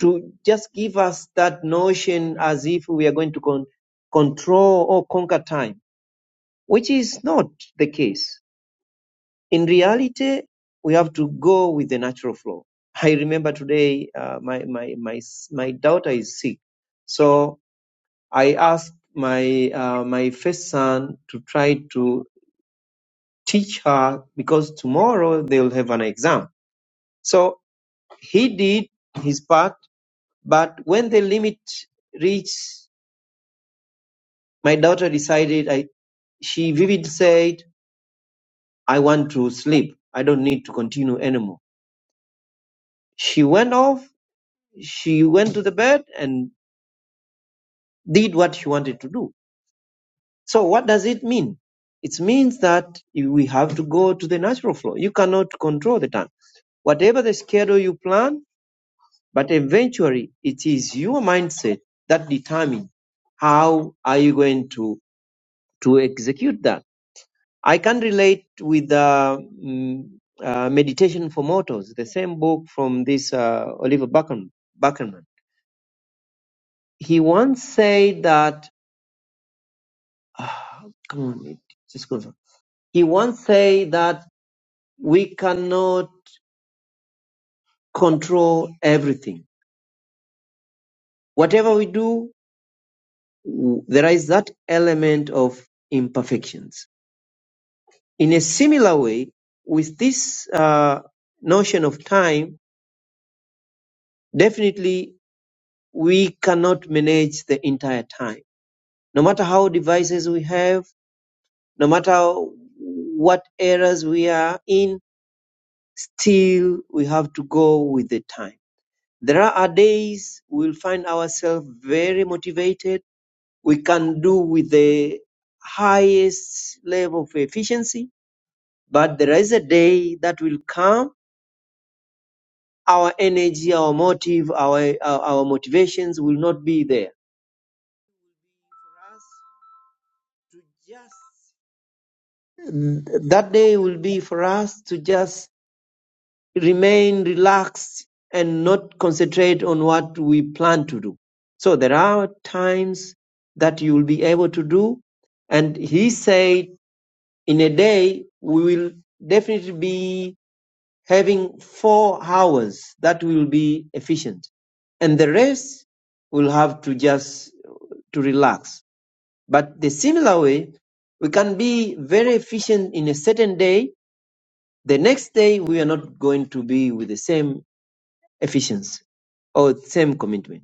[SPEAKER 7] to just give us that notion as if we are going to con- control or conquer time, which is not the case. In reality, we have to go with the natural flow. I remember today, uh, my my my s- my daughter is sick, so I asked my uh, my first son to try to teach her because tomorrow they'll have an exam. So he did his part, but when the limit reached, my daughter decided. I she vividly said, "I want to sleep. I don't need to continue anymore." She went off. She went to the bed and did what she wanted to do. So what does it mean? It means that we have to go to the natural flow. You cannot control the time Whatever the schedule you plan, but eventually it is your mindset that determines how are you going to, to execute that. I can relate with the mm, uh, Meditation for Mortals, the same book from this uh, Oliver Buckham, Buckerman. He once said that, ah, come on, it just goes on. He once said that we cannot control everything. Whatever we do, there is that element of imperfections. In a similar way, with this uh, notion of time, definitely we cannot manage the entire time. No matter how devices we have, no matter what eras we are in, still we have to go with the time. There are days we'll find ourselves very motivated. We can do with the highest level of efficiency But there is a day that will come, our energy, our motive, our, our, our motivations will not be there. For us to just, that day will be for us to just remain relaxed and not concentrate on what we plan to do. So there are times that you will be able to do. And he said, in a day, we will definitely be having four hours that will be efficient and the rest will have to just to relax but the similar way we can be very efficient in a certain day the next day we are not going to be with the same efficiency or same commitment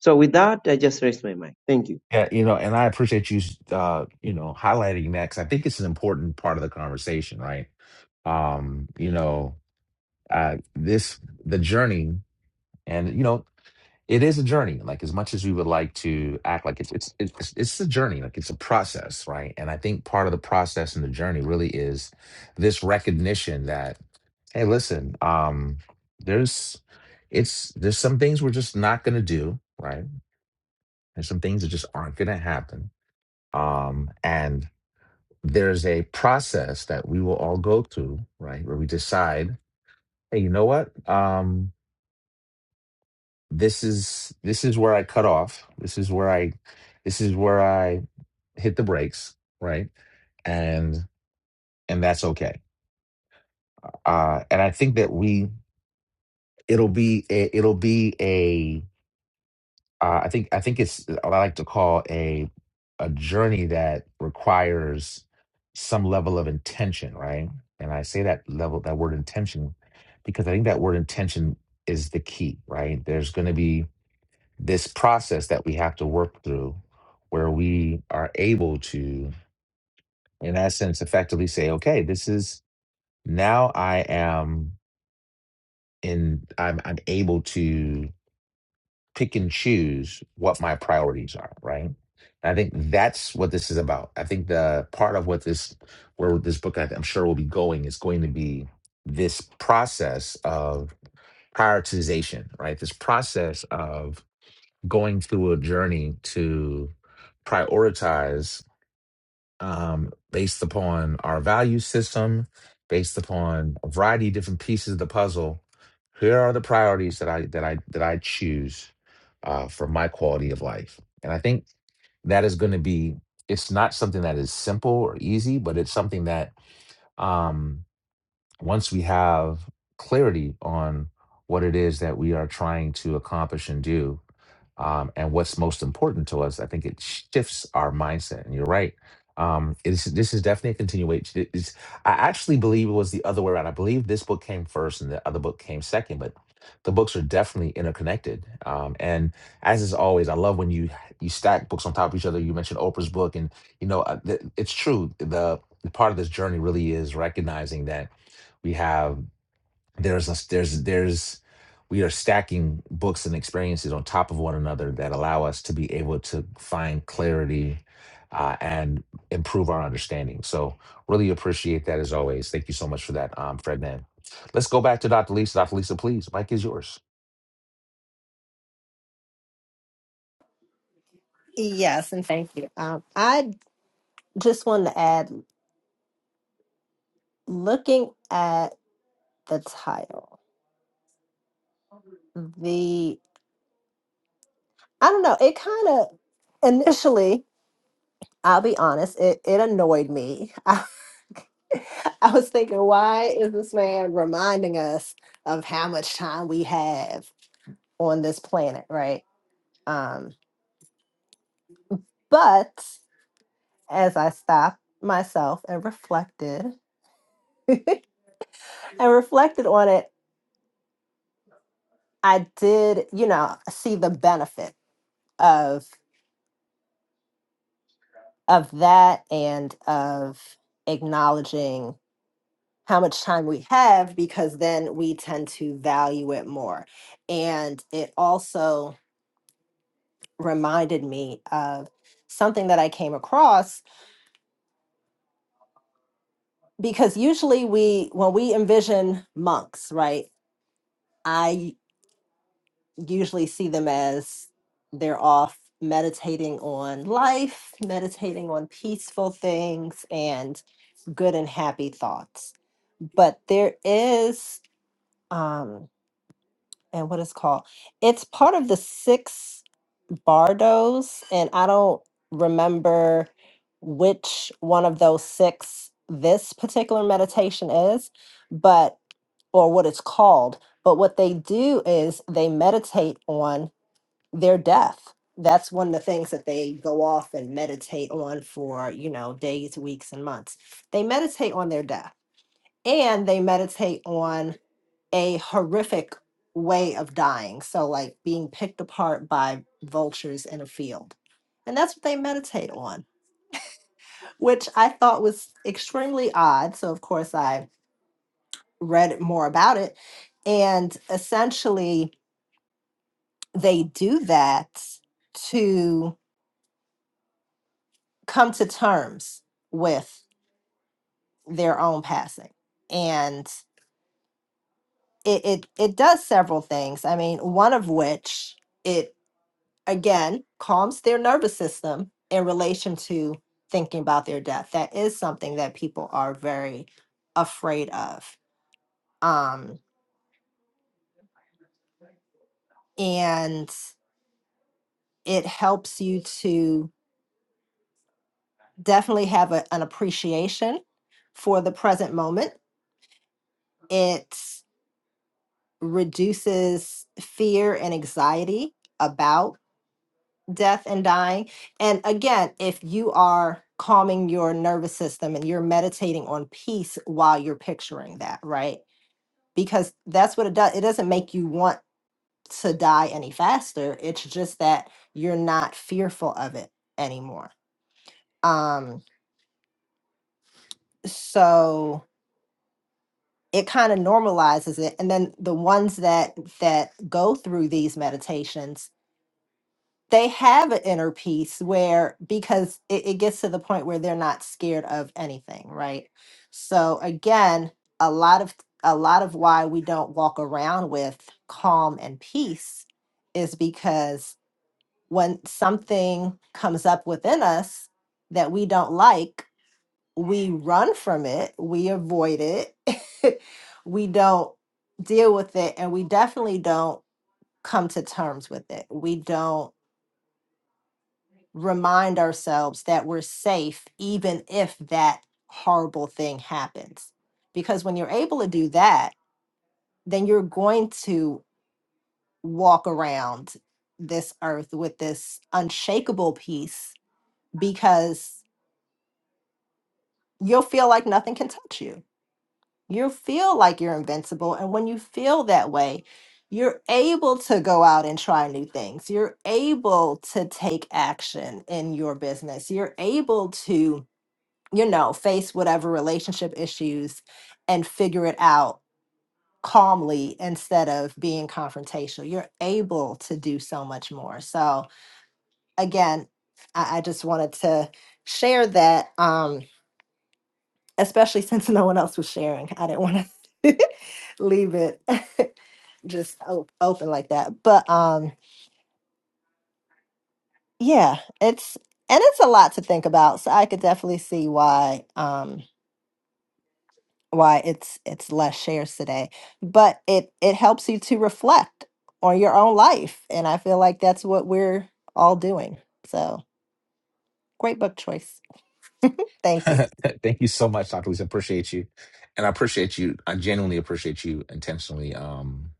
[SPEAKER 7] so with that i just raised my mind thank you
[SPEAKER 1] Yeah, you know, and I appreciate you, uh, you know, highlighting that because I think it's an important part of the conversation, right? Um, you know, uh, this the journey, and you know, it is a journey. Like as much as we would like to act like it's it's it's it's a journey, like it's a process, right? And I think part of the process and the journey really is this recognition that, hey, listen, um, there's it's there's some things we're just not gonna do, right? There's some things that just aren't gonna happen um, and there's a process that we will all go through, right, where we decide, hey, you know what? Um, this is this is where I cut off. This is where I this is where I hit the brakes, right? And and that's okay. Uh, and I think that we it'll be a, it'll be a. uh, I think I think it's uh, what I like to call a a journey that requires some level of intention, right? And I say that level that word intention because I think that word intention is the key, right? There's going to be this process that we have to work through where we are able to in essence effectively say okay this is now i am in i'm i'm able to pick and choose what my priorities are, right? And I think that's what this is about. I think the part of what this, where this book I- I'm sure will be going is going to be this process of prioritization, right? This process of going through a journey to prioritize um, based upon our value system, based upon a variety of different pieces of the puzzle. Here are the priorities that I that I that I choose uh, for my quality of life, and I think that is going to be. It's not something that is simple or easy, but it's something that um, once we have clarity on what it is that we are trying to accomplish and do, um, and what's most important to us. I think it shifts our mindset. And you're right. Um, it's, this is definitely a continuation. It's, I actually believe it was the other way around. I believe this book came first and the other book came second, but the books are definitely interconnected. Um, and as is always, I love when you you stack books on top of each other. You mentioned Oprah's book, and you know uh, th- it's true. The, the part of this journey really is recognizing that. We have there's a there's there's we are stacking books and experiences on top of one another that allow us to be able to find clarity uh, and improve our understanding. So really appreciate that as always. Thank you so much for that, um, Fred Man. Let's go back to Dr. Lisa. Dr. Lisa, please, Mike is yours.
[SPEAKER 5] Yes, and thank you. Um, I just wanted to add looking at the title, the, I don't know, it kind of initially, I'll be honest, it, it annoyed me. I was thinking, why is this man reminding us of how much time we have on this planet, right? Um, but as I stopped myself and reflected and reflected on it, I did, you know, see the benefit of of that and of acknowledging how much time we have because then we tend to value it more. And it also reminded me of something that I came across because usually we when we envision monks, right? I. usually see them as they're off meditating on life, meditating on peaceful things and good and happy thoughts. But there is um and what is called it's part of the six bardos and I don't remember which one of those six this particular meditation is, but or what it's called, but what they do is they meditate on their death. That's one of the things that they go off and meditate on for, you know, days, weeks, and months. They meditate on their death and they meditate on a horrific way of dying. So, like being picked apart by vultures in a field. And that's what they meditate on, which I thought was extremely odd. So, of course, I read more about it. And essentially, they do that to come to terms with their own passing. And it, it it does several things. I mean, one of which it again calms their nervous system in relation to thinking about their death. That is something that people are very afraid of. Um, and it helps you to definitely have a, an appreciation for the present moment. It reduces fear and anxiety about death and dying. And again, if you are calming your nervous system and you're meditating on peace while you're picturing that, right? Because that's what it does. It doesn't make you want to die any faster. It's just that you're not fearful of it anymore. Um so it kind of normalizes it and then the ones that that go through these meditations they have an inner peace where because it, it gets to the point where they're not scared of anything right so again a lot of a lot of why we don't walk around with calm and peace is because when something comes up within us that we don't like we run from it we avoid it we don't deal with it and we definitely don't come to terms with it we don't remind ourselves that we're safe even if that horrible thing happens. Because when you're able to do that, then you're going to walk around this earth with this unshakable peace because you'll feel like nothing can touch you. You'll feel like you're invincible. And when you feel that way, you're able to go out and try new things. You're able to take action in your business. You're able to you know, face whatever relationship issues and figure it out calmly instead of being confrontational. You're able to do so much more. So, again, I, I just wanted to share that, um, especially since no one else was sharing. I didn't want to leave it just o- open like that. But um, yeah, it's and it's a lot to think about. So I could definitely see why. Um, why it's it's less shares today but it it helps you to reflect on your own life and i feel like that's what we're all doing so great book choice thank you
[SPEAKER 1] Thank you so much, Dr. Lisa. Appreciate you. And I appreciate you. I genuinely appreciate you intentionally um,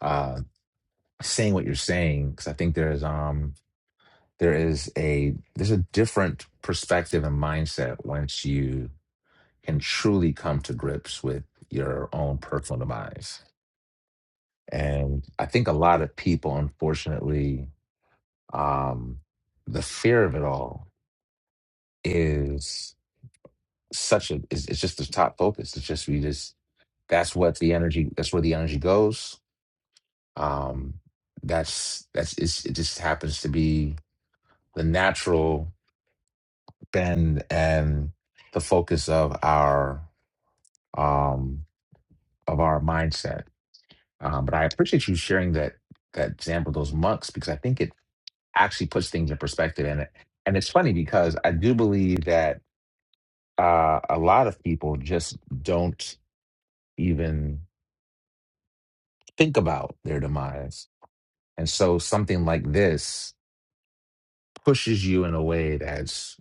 [SPEAKER 1] uh, saying what you're saying because I think there's um. there is a there's a different perspective and mindset once you can truly come to grips with your own personal demise and i think a lot of people unfortunately um the fear of it all is such a is it's just the top focus it's just we just that's what the energy that's where the energy goes um that's that's it's, it just happens to be the natural bend and the focus of our um, of our mindset. Um, but I appreciate you sharing that that example of those monks because I think it actually puts things in perspective. And it and it's funny because I do believe that uh, a lot of people just don't even think about their demise, and so something like this pushes you in a way that's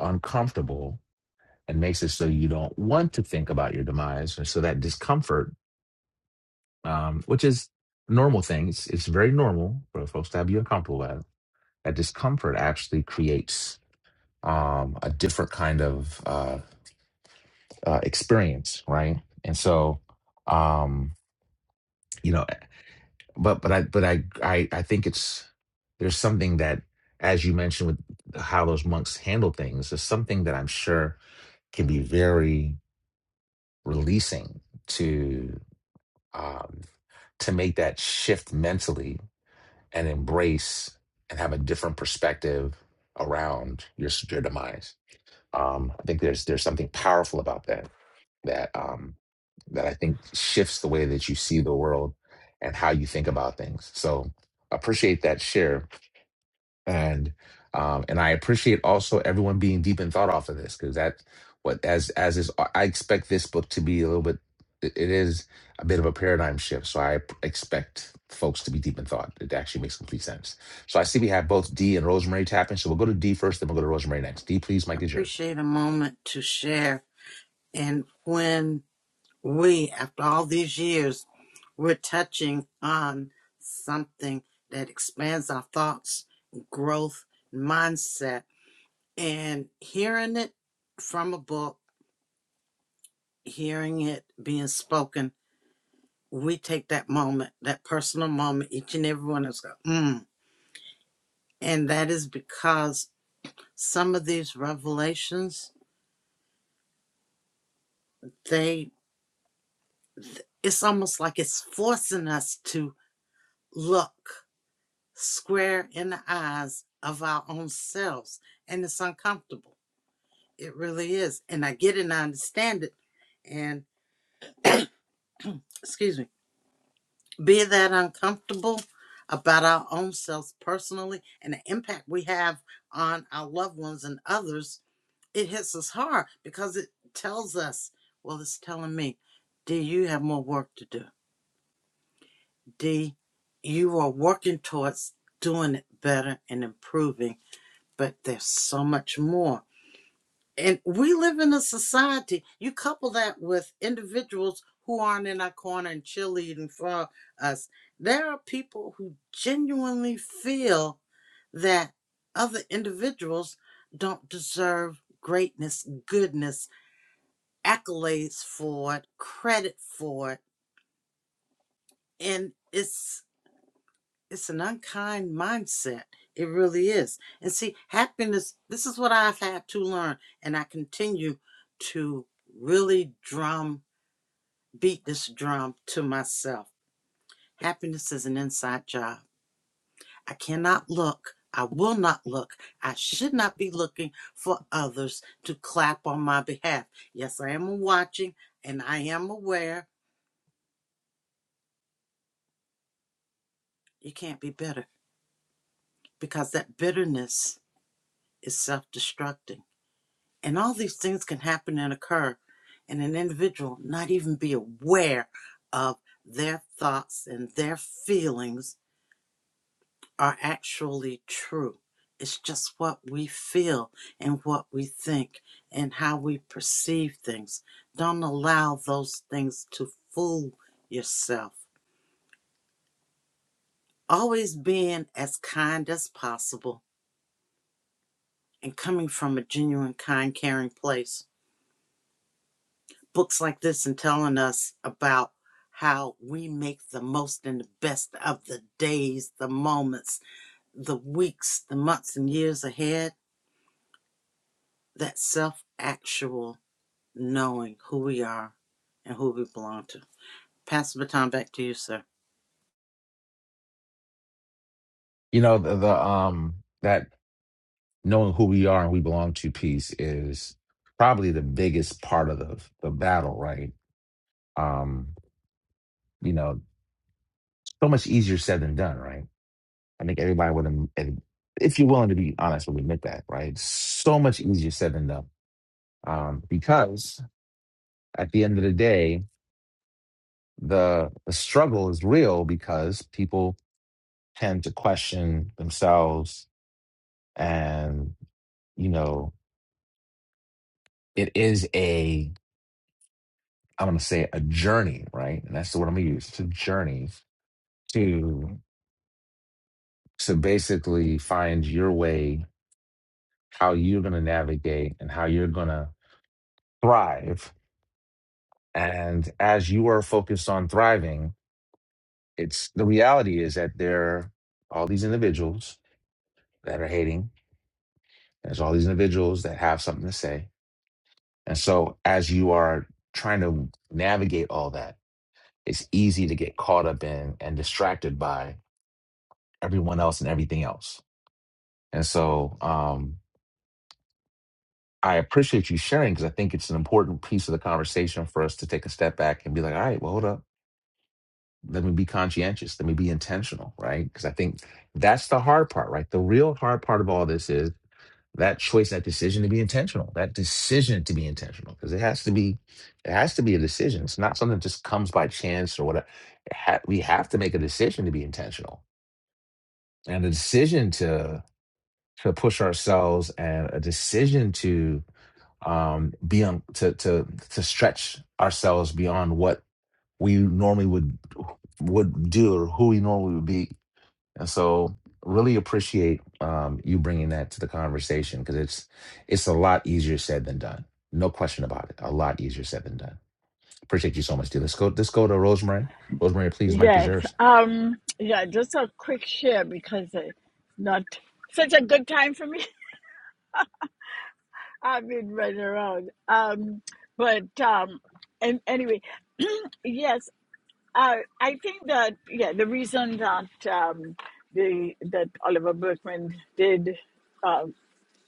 [SPEAKER 1] uncomfortable and makes it so you don't want to think about your demise, and so that discomfort um, which is a normal thing. It's, it's very normal for folks to be uncomfortable with. it. That discomfort actually creates um, a different kind of uh, uh, experience, right? And so, um, you know, but but I but I, I I think it's there's something that, as you mentioned, with how those monks handle things, there's something that I'm sure can be very releasing to um, to make that shift mentally and embrace and have a different perspective around your s- your demise. Um, I think there's there's something powerful about that that um, that I think shifts the way that you see the world and how you think about things. So appreciate that share and um and i appreciate also everyone being deep in thought off of this because that what as as is i expect this book to be a little bit it it is a bit of a paradigm shift so i p- expect folks to be deep in thought it actually makes complete sense so i see we have both d and rosemary tapping so we'll go to d first then we'll go to rosemary next d please
[SPEAKER 2] I
[SPEAKER 1] mike is yours
[SPEAKER 2] appreciate a moment to share. And when we, after all these years, we're touching on something that expands our thoughts, growth, mindset and hearing it from a book, hearing it being spoken, we take that moment, that personal moment, each and every one of us go, mm. And that is because some of these revelations, they it's almost like it's forcing us to look square in the eyes of our own selves. And it's uncomfortable. It really is. And I get it and I understand it. And excuse me be that uncomfortable about our own selves personally and the impact we have on our loved ones and others, it hits us hard because it tells us, well, it's telling me, D, you have more work to do. D, you are working towards doing it better and improving, but there's so much more. And we live in a society, you couple that with individuals who aren't in our corner and cheerleading for us. There are people who genuinely feel that other individuals don't deserve greatness, goodness, accolades for it, credit for it. And it's it's an unkind mindset. It really is. And see, happiness, this is what I've had to learn, and I continue to really drum, beat this drum to myself. Happiness is an inside job. I cannot look. I will not look. I should not be looking for others to clap on my behalf. Yes, I am watching and I am aware you can't be bitter because that bitterness is self destructing And all these things can happen and occur, and an individual not even be aware of their thoughts and their feelings are actually true. It's just what we feel and what we think and how we perceive things. Don't allow those things to fool yourself. Always being as kind as possible and coming from a genuine, kind, caring place books like this and telling us about how we make the most and the best of the days, the moments, the weeks, the months, and years ahead. That self actual knowing who we are and who we belong to. Pass the baton back to you, sir.
[SPEAKER 1] you know the, the um that knowing who we are and we belong to piece is probably the biggest part of the the battle right um you know so much easier said than done right I think everybody would, am- and if you're willing to be honest, would admit that, right? It's So much easier said than done, um, because at the end of the day, the the struggle is real because people tend to question themselves, and you know, it is a I'm going to say a journey, right? And that's the word I'm going to use. It's a journey to to basically find your way, how you're going to navigate, and how you're going to thrive And as you are focused on thriving, it's the reality is that there are all these individuals that are hating. There's all these individuals that have something to say. And so as you are trying to navigate all that, it's easy to get caught up in and distracted by everyone else and everything else. And so um, I appreciate you sharing because I think it's an important piece of the conversation for us to take a step back and be like, all right, well, hold up let me be conscientious let me be intentional right because i think that's the hard part right the real hard part of all this is that choice that decision to be intentional that decision to be intentional because it has to be it has to be a decision it's not something that just comes by chance or whatever it ha- we have to make a decision to be intentional and a decision to to push ourselves and a decision to um be on to to to stretch ourselves beyond what we normally would would do or who we normally would be and so really appreciate um, you bringing that to the conversation because it's it's a lot easier said than done. No question about it. A lot easier said than done. Appreciate you so much, dude. Let's go. Let's go to Rosemary. Rosemary, please, Mike is
[SPEAKER 6] yes.
[SPEAKER 1] yours.
[SPEAKER 6] Um. Yeah. Just a quick share because it's not such a good time for me. I've been running around. Um. But um. And anyway, yes. Uh, I think that yeah, the reason that um, the that Oliver Berkman did. uh,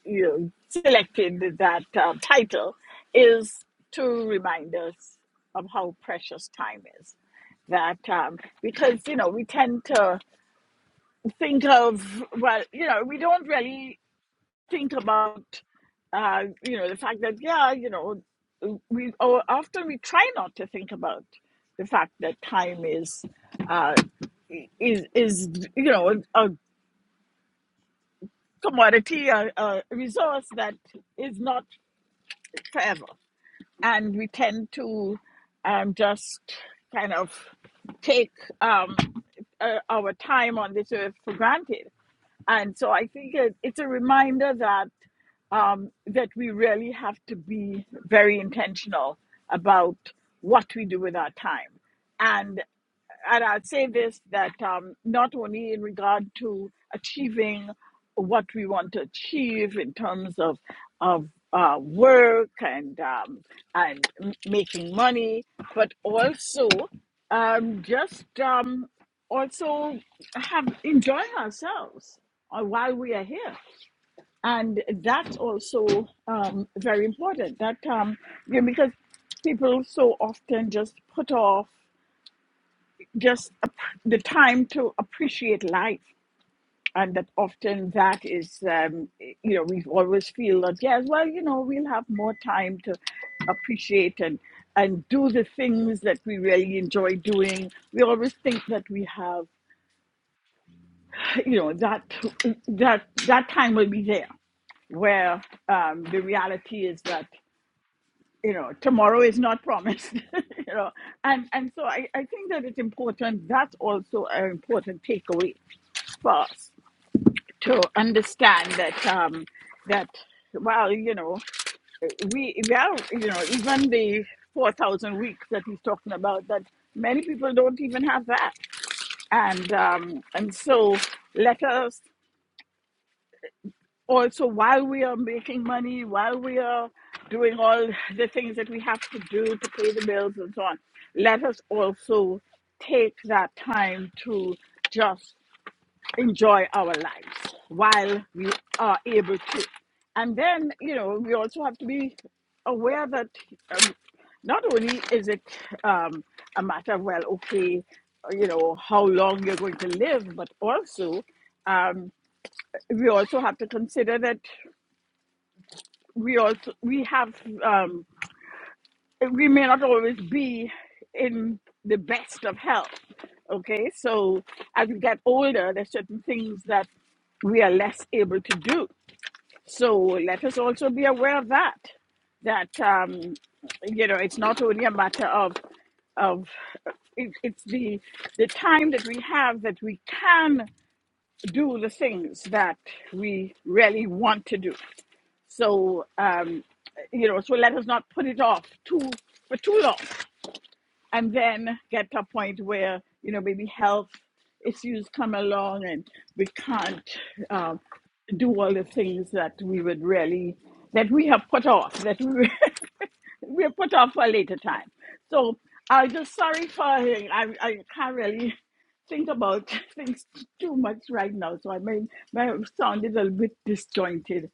[SPEAKER 6] you know, selected that uh, title is to remind us of how precious time is. That um, because you know we tend to think of well you know we don't really think about uh, you know the fact that yeah you know we or often we try not to think about the fact that time is uh, is is you know a commodity a, a resource that is not forever and we tend to um, just kind of take um, uh, our time on this earth for granted. And so I think it, it's a reminder that um, that we really have to be very intentional about what we do with our time. and and I'll say this that um, not only in regard to achieving what we want to achieve in terms of of uh, work and um, and m- making money, but also um, just um, also have enjoy ourselves uh, while we are here, and that's also um, very important. That um, you know, because people so often just put off just ap- the time to appreciate life and that often that is um, you know we always feel that yes well you know we'll have more time to appreciate and and do the things that we really enjoy doing we always think that we have you know that that that time will be there where um, the reality is that you know tomorrow is not promised you know and and so i, I think that it's important that's also an important takeaway first to understand that um, that well, you know, we well, you know, even the four thousand weeks that he's talking about, that many people don't even have that, and um, and so let us also while we are making money, while we are doing all the things that we have to do to pay the bills and so on, let us also take that time to just enjoy our lives while we are able to. And then, you know, we also have to be aware that um, not only is it um, a matter of, well, okay, you know, how long you're going to live, but also um, we also have to consider that we also we have um, agreement ought to always be in the best of health. Okay, so as we get older, there's certain things that we are less able to do. So let us also be aware of that. That um, you know, it's not only a matter of of it, it's the the time that we have that we can do the things that we really want to do. So um, you know, so let us not put it off too for too long and then get to a point where you know maybe health issues come along and we can't um, do all the things that we would really that we have put off that we we have put off for a later time so i'm just sorry for i i can't really think about things too much right now so i may may sound a little bit disjointed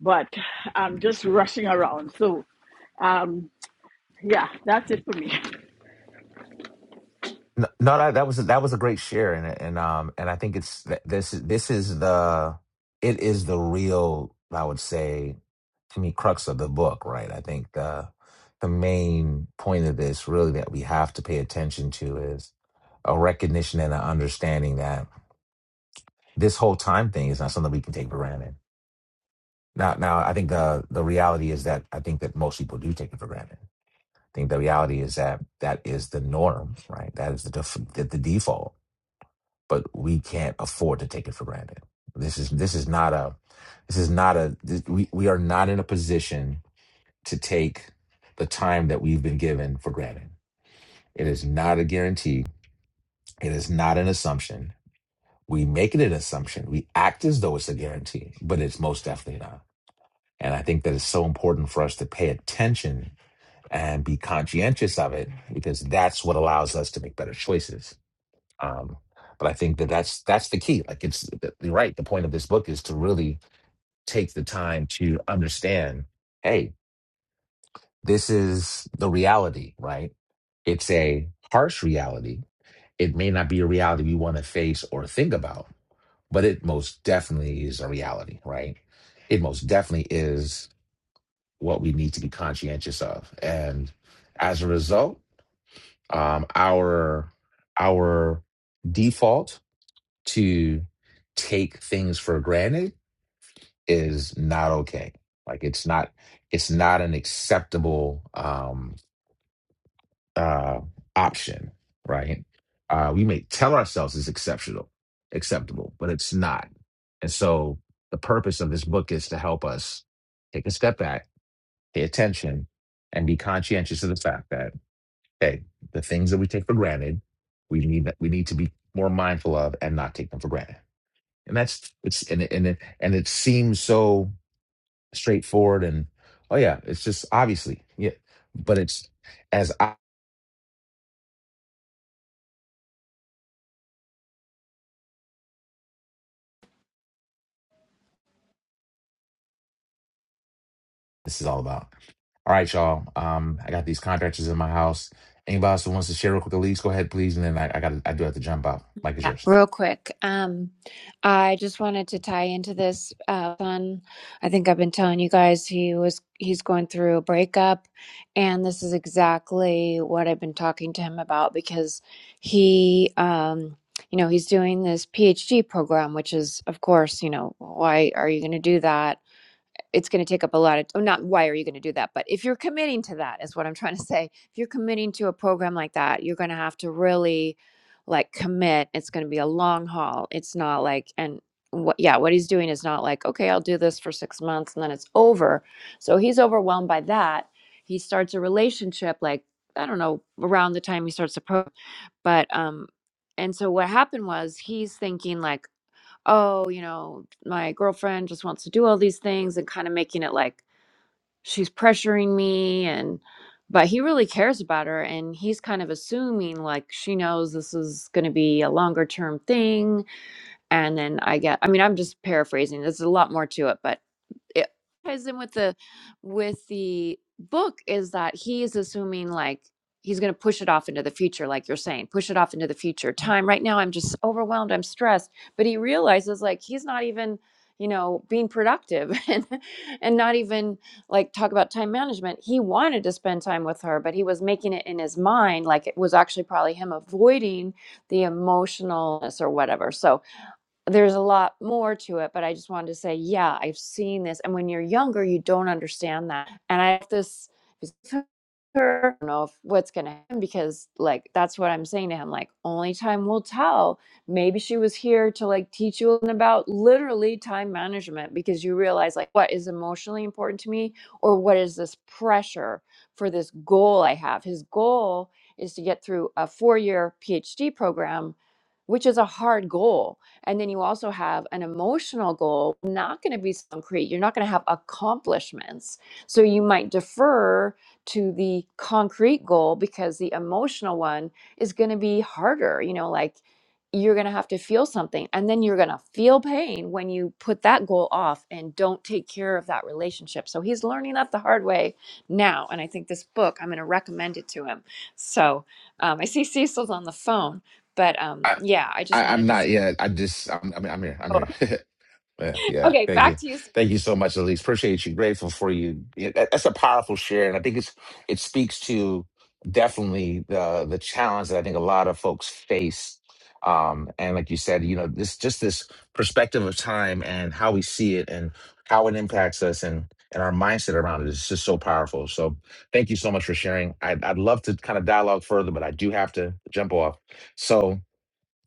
[SPEAKER 6] but i'm just rushing around so um yeah that's it for me
[SPEAKER 1] No, no, that that was that was a great share, and and um and I think it's th- this is- this is the it is the real I would say to me crux of the book, right? I think the the main point of this really that we have to pay attention to is a recognition and an understanding that this whole time thing is not something we can take for granted. Now, now I think the the reality is that I think that most people do take it for granted. I think the reality is that that is the norm, right? That is the def- the, the default but we can't afford to take it for granted. This is this is not a this is not a this, we we are not in a position to take the time that we've been given for granted. It is not a guarantee. It is not an assumption. We make it an assumption. We act as though it's a guarantee, but it's most definitely not. And I think that it's so important for us to pay attention and be conscientious of it because that's what allows us to make better choices Um, but I think that that's that's the key. Like it's th- you're right. The point of this book is to really take the time to understand. Hey, this is the reality, right? It's a harsh reality. It may not be a reality we want to face or think about, but it most definitely is a reality, right? It most definitely is what we need to be conscientious of, and as a result, um, our our default to take things for granted is not okay. Like it's not it's not an acceptable um uh option, right? Uh we may tell ourselves it's exceptional, acceptable, but it's not. And so the purpose of this book is to help us take a step back, pay attention, and be conscientious of the fact that, hey, the things that we take for granted, we need we need to be more mindful of and not take them for granted. and that's it's and it, and it, and it seems so straightforward and oh yeah it's just obviously yeah but it's as I, this is all about all right y'all um i got these contractors in my house anybody else who wants to share real quick the leads go ahead please and then i, I got i do have to jump out mike is yours
[SPEAKER 4] Real quick, um, I just wanted to tie into this. Uh, son, I think I've been telling you guys he was he's going through a breakup, and this is exactly what I've been talking to him about because he, um, you know, he's doing this PhD program, which is, of course, you know, why are you going to do that? it's going to take up a lot of oh, not why are you going to do that but if you're committing to that is what i'm trying to say if you're committing to a program like that you're going to have to really like commit it's going to be a long haul it's not like and what yeah what he's doing is not like okay i'll do this for six months and then it's over so he's overwhelmed by that he starts a relationship like i don't know around the time he starts the program but um and so what happened was he's thinking like oh, you know, my girlfriend just wants to do all these things and kind of making it like she's pressuring me and but he really cares about her and he's kind of assuming like she knows this is going to be a longer term thing and then I get I mean I'm just paraphrasing there's a lot more to it but it ties in with the with the book is that he is assuming like he's going to push it off into the future like you're saying push it off into the future time right now i'm just overwhelmed i'm stressed but he realizes like he's not even you know being productive and and not even like talk about time management he wanted to spend time with her but he was making it in his mind like it was actually probably him avoiding the emotionalness or whatever so there's a lot more to it, but I just wanted to say, yeah, I've seen this. And when you're younger, you don't understand that. And I have this, I don't know if what's going to happen because, like, that's what I'm saying to him. Like, only time will tell. Maybe she was here to, like, teach you about literally time management because you realize, like, what is emotionally important to me or what is this pressure for this goal I have. His goal is to get through a four year PhD program, which is a hard goal and then you also have an emotional goal, not going to be so concrete. You're not going to have accomplishments. So you might defer to the concrete goal because the emotional one is going to be harder, you know, like you're going to have to feel something and then you're going to feel pain when you put that goal off and don't take care of that relationship. So he's learning that the hard way now. And I think this book, I'm going to recommend it to him. So um, I see Cecil's on the phone, but um,
[SPEAKER 1] I,
[SPEAKER 4] yeah, I
[SPEAKER 1] I
[SPEAKER 4] just
[SPEAKER 1] i'm
[SPEAKER 4] wanted to
[SPEAKER 1] not
[SPEAKER 4] say.
[SPEAKER 1] yet i just i'm i'm, I'm here i'm here Yeah, yeah.
[SPEAKER 4] Okay,
[SPEAKER 1] Thank
[SPEAKER 4] back
[SPEAKER 1] you,
[SPEAKER 4] to you,
[SPEAKER 1] thank you so much, Elise. Appreciate you. Grateful for you. Yeah, that- That's a powerful share, and I think it's it speaks to definitely the the challenge that I think a lot of folks face. Um, and like you said, you know, this just this perspective of time and how we see it and how it impacts us and and our mindset around it is just so powerful. So thank you so much for sharing. I'd, I'd love to kind of dialogue further, but I do have to jump off. So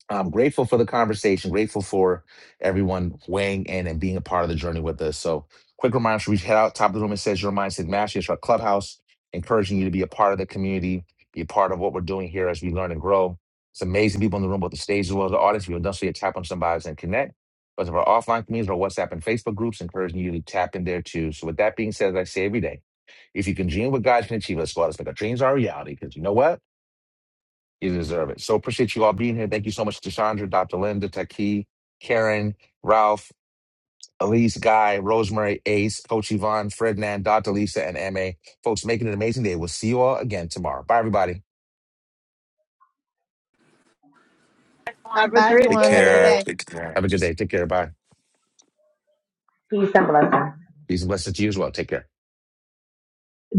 [SPEAKER 1] I'm grateful for the conversation, grateful for everyone weighing in and being a part of the journey with us. So, quick reminder should we head out top of the room? It says your mindset mastery. It's our clubhouse, encouraging you to be a part of the community, be a part of what we're doing here as we learn and grow. It's amazing people in the room, both the stage as well as the audience. If you don't see it, tap on somebody's and connect. But of our offline communities, our WhatsApp and Facebook groups, encouraging you to tap in there too. So, with that being said, as I say every day, if you can dream what God can achieve, let's go out. Let's make our dreams our reality. Because you know what? You deserve it. So appreciate you all being here. Thank you so much to Chandra, Dr. Linda, Taki, Karen, Ralph, Elise, Guy, Rosemary, Ace, Coach Yvonne, Frednan, Dr. Lisa, and MA. Folks, make it an amazing day. We'll see you all again tomorrow. Bye, everybody.
[SPEAKER 6] have a great
[SPEAKER 8] Take
[SPEAKER 6] day
[SPEAKER 8] care. Take care.
[SPEAKER 1] Have a good day. Take care. Bye.
[SPEAKER 9] Peace and blessings.
[SPEAKER 1] Peace and blessings to you as well. Take care.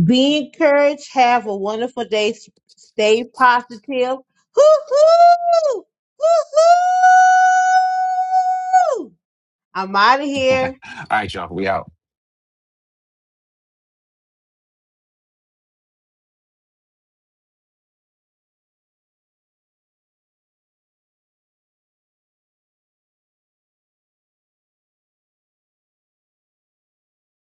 [SPEAKER 3] Be encouraged. Have a wonderful day. S- Stay positive. Hoo-hoo! Hoo-hoo! I'm out of here.
[SPEAKER 1] All right, y'all. We out.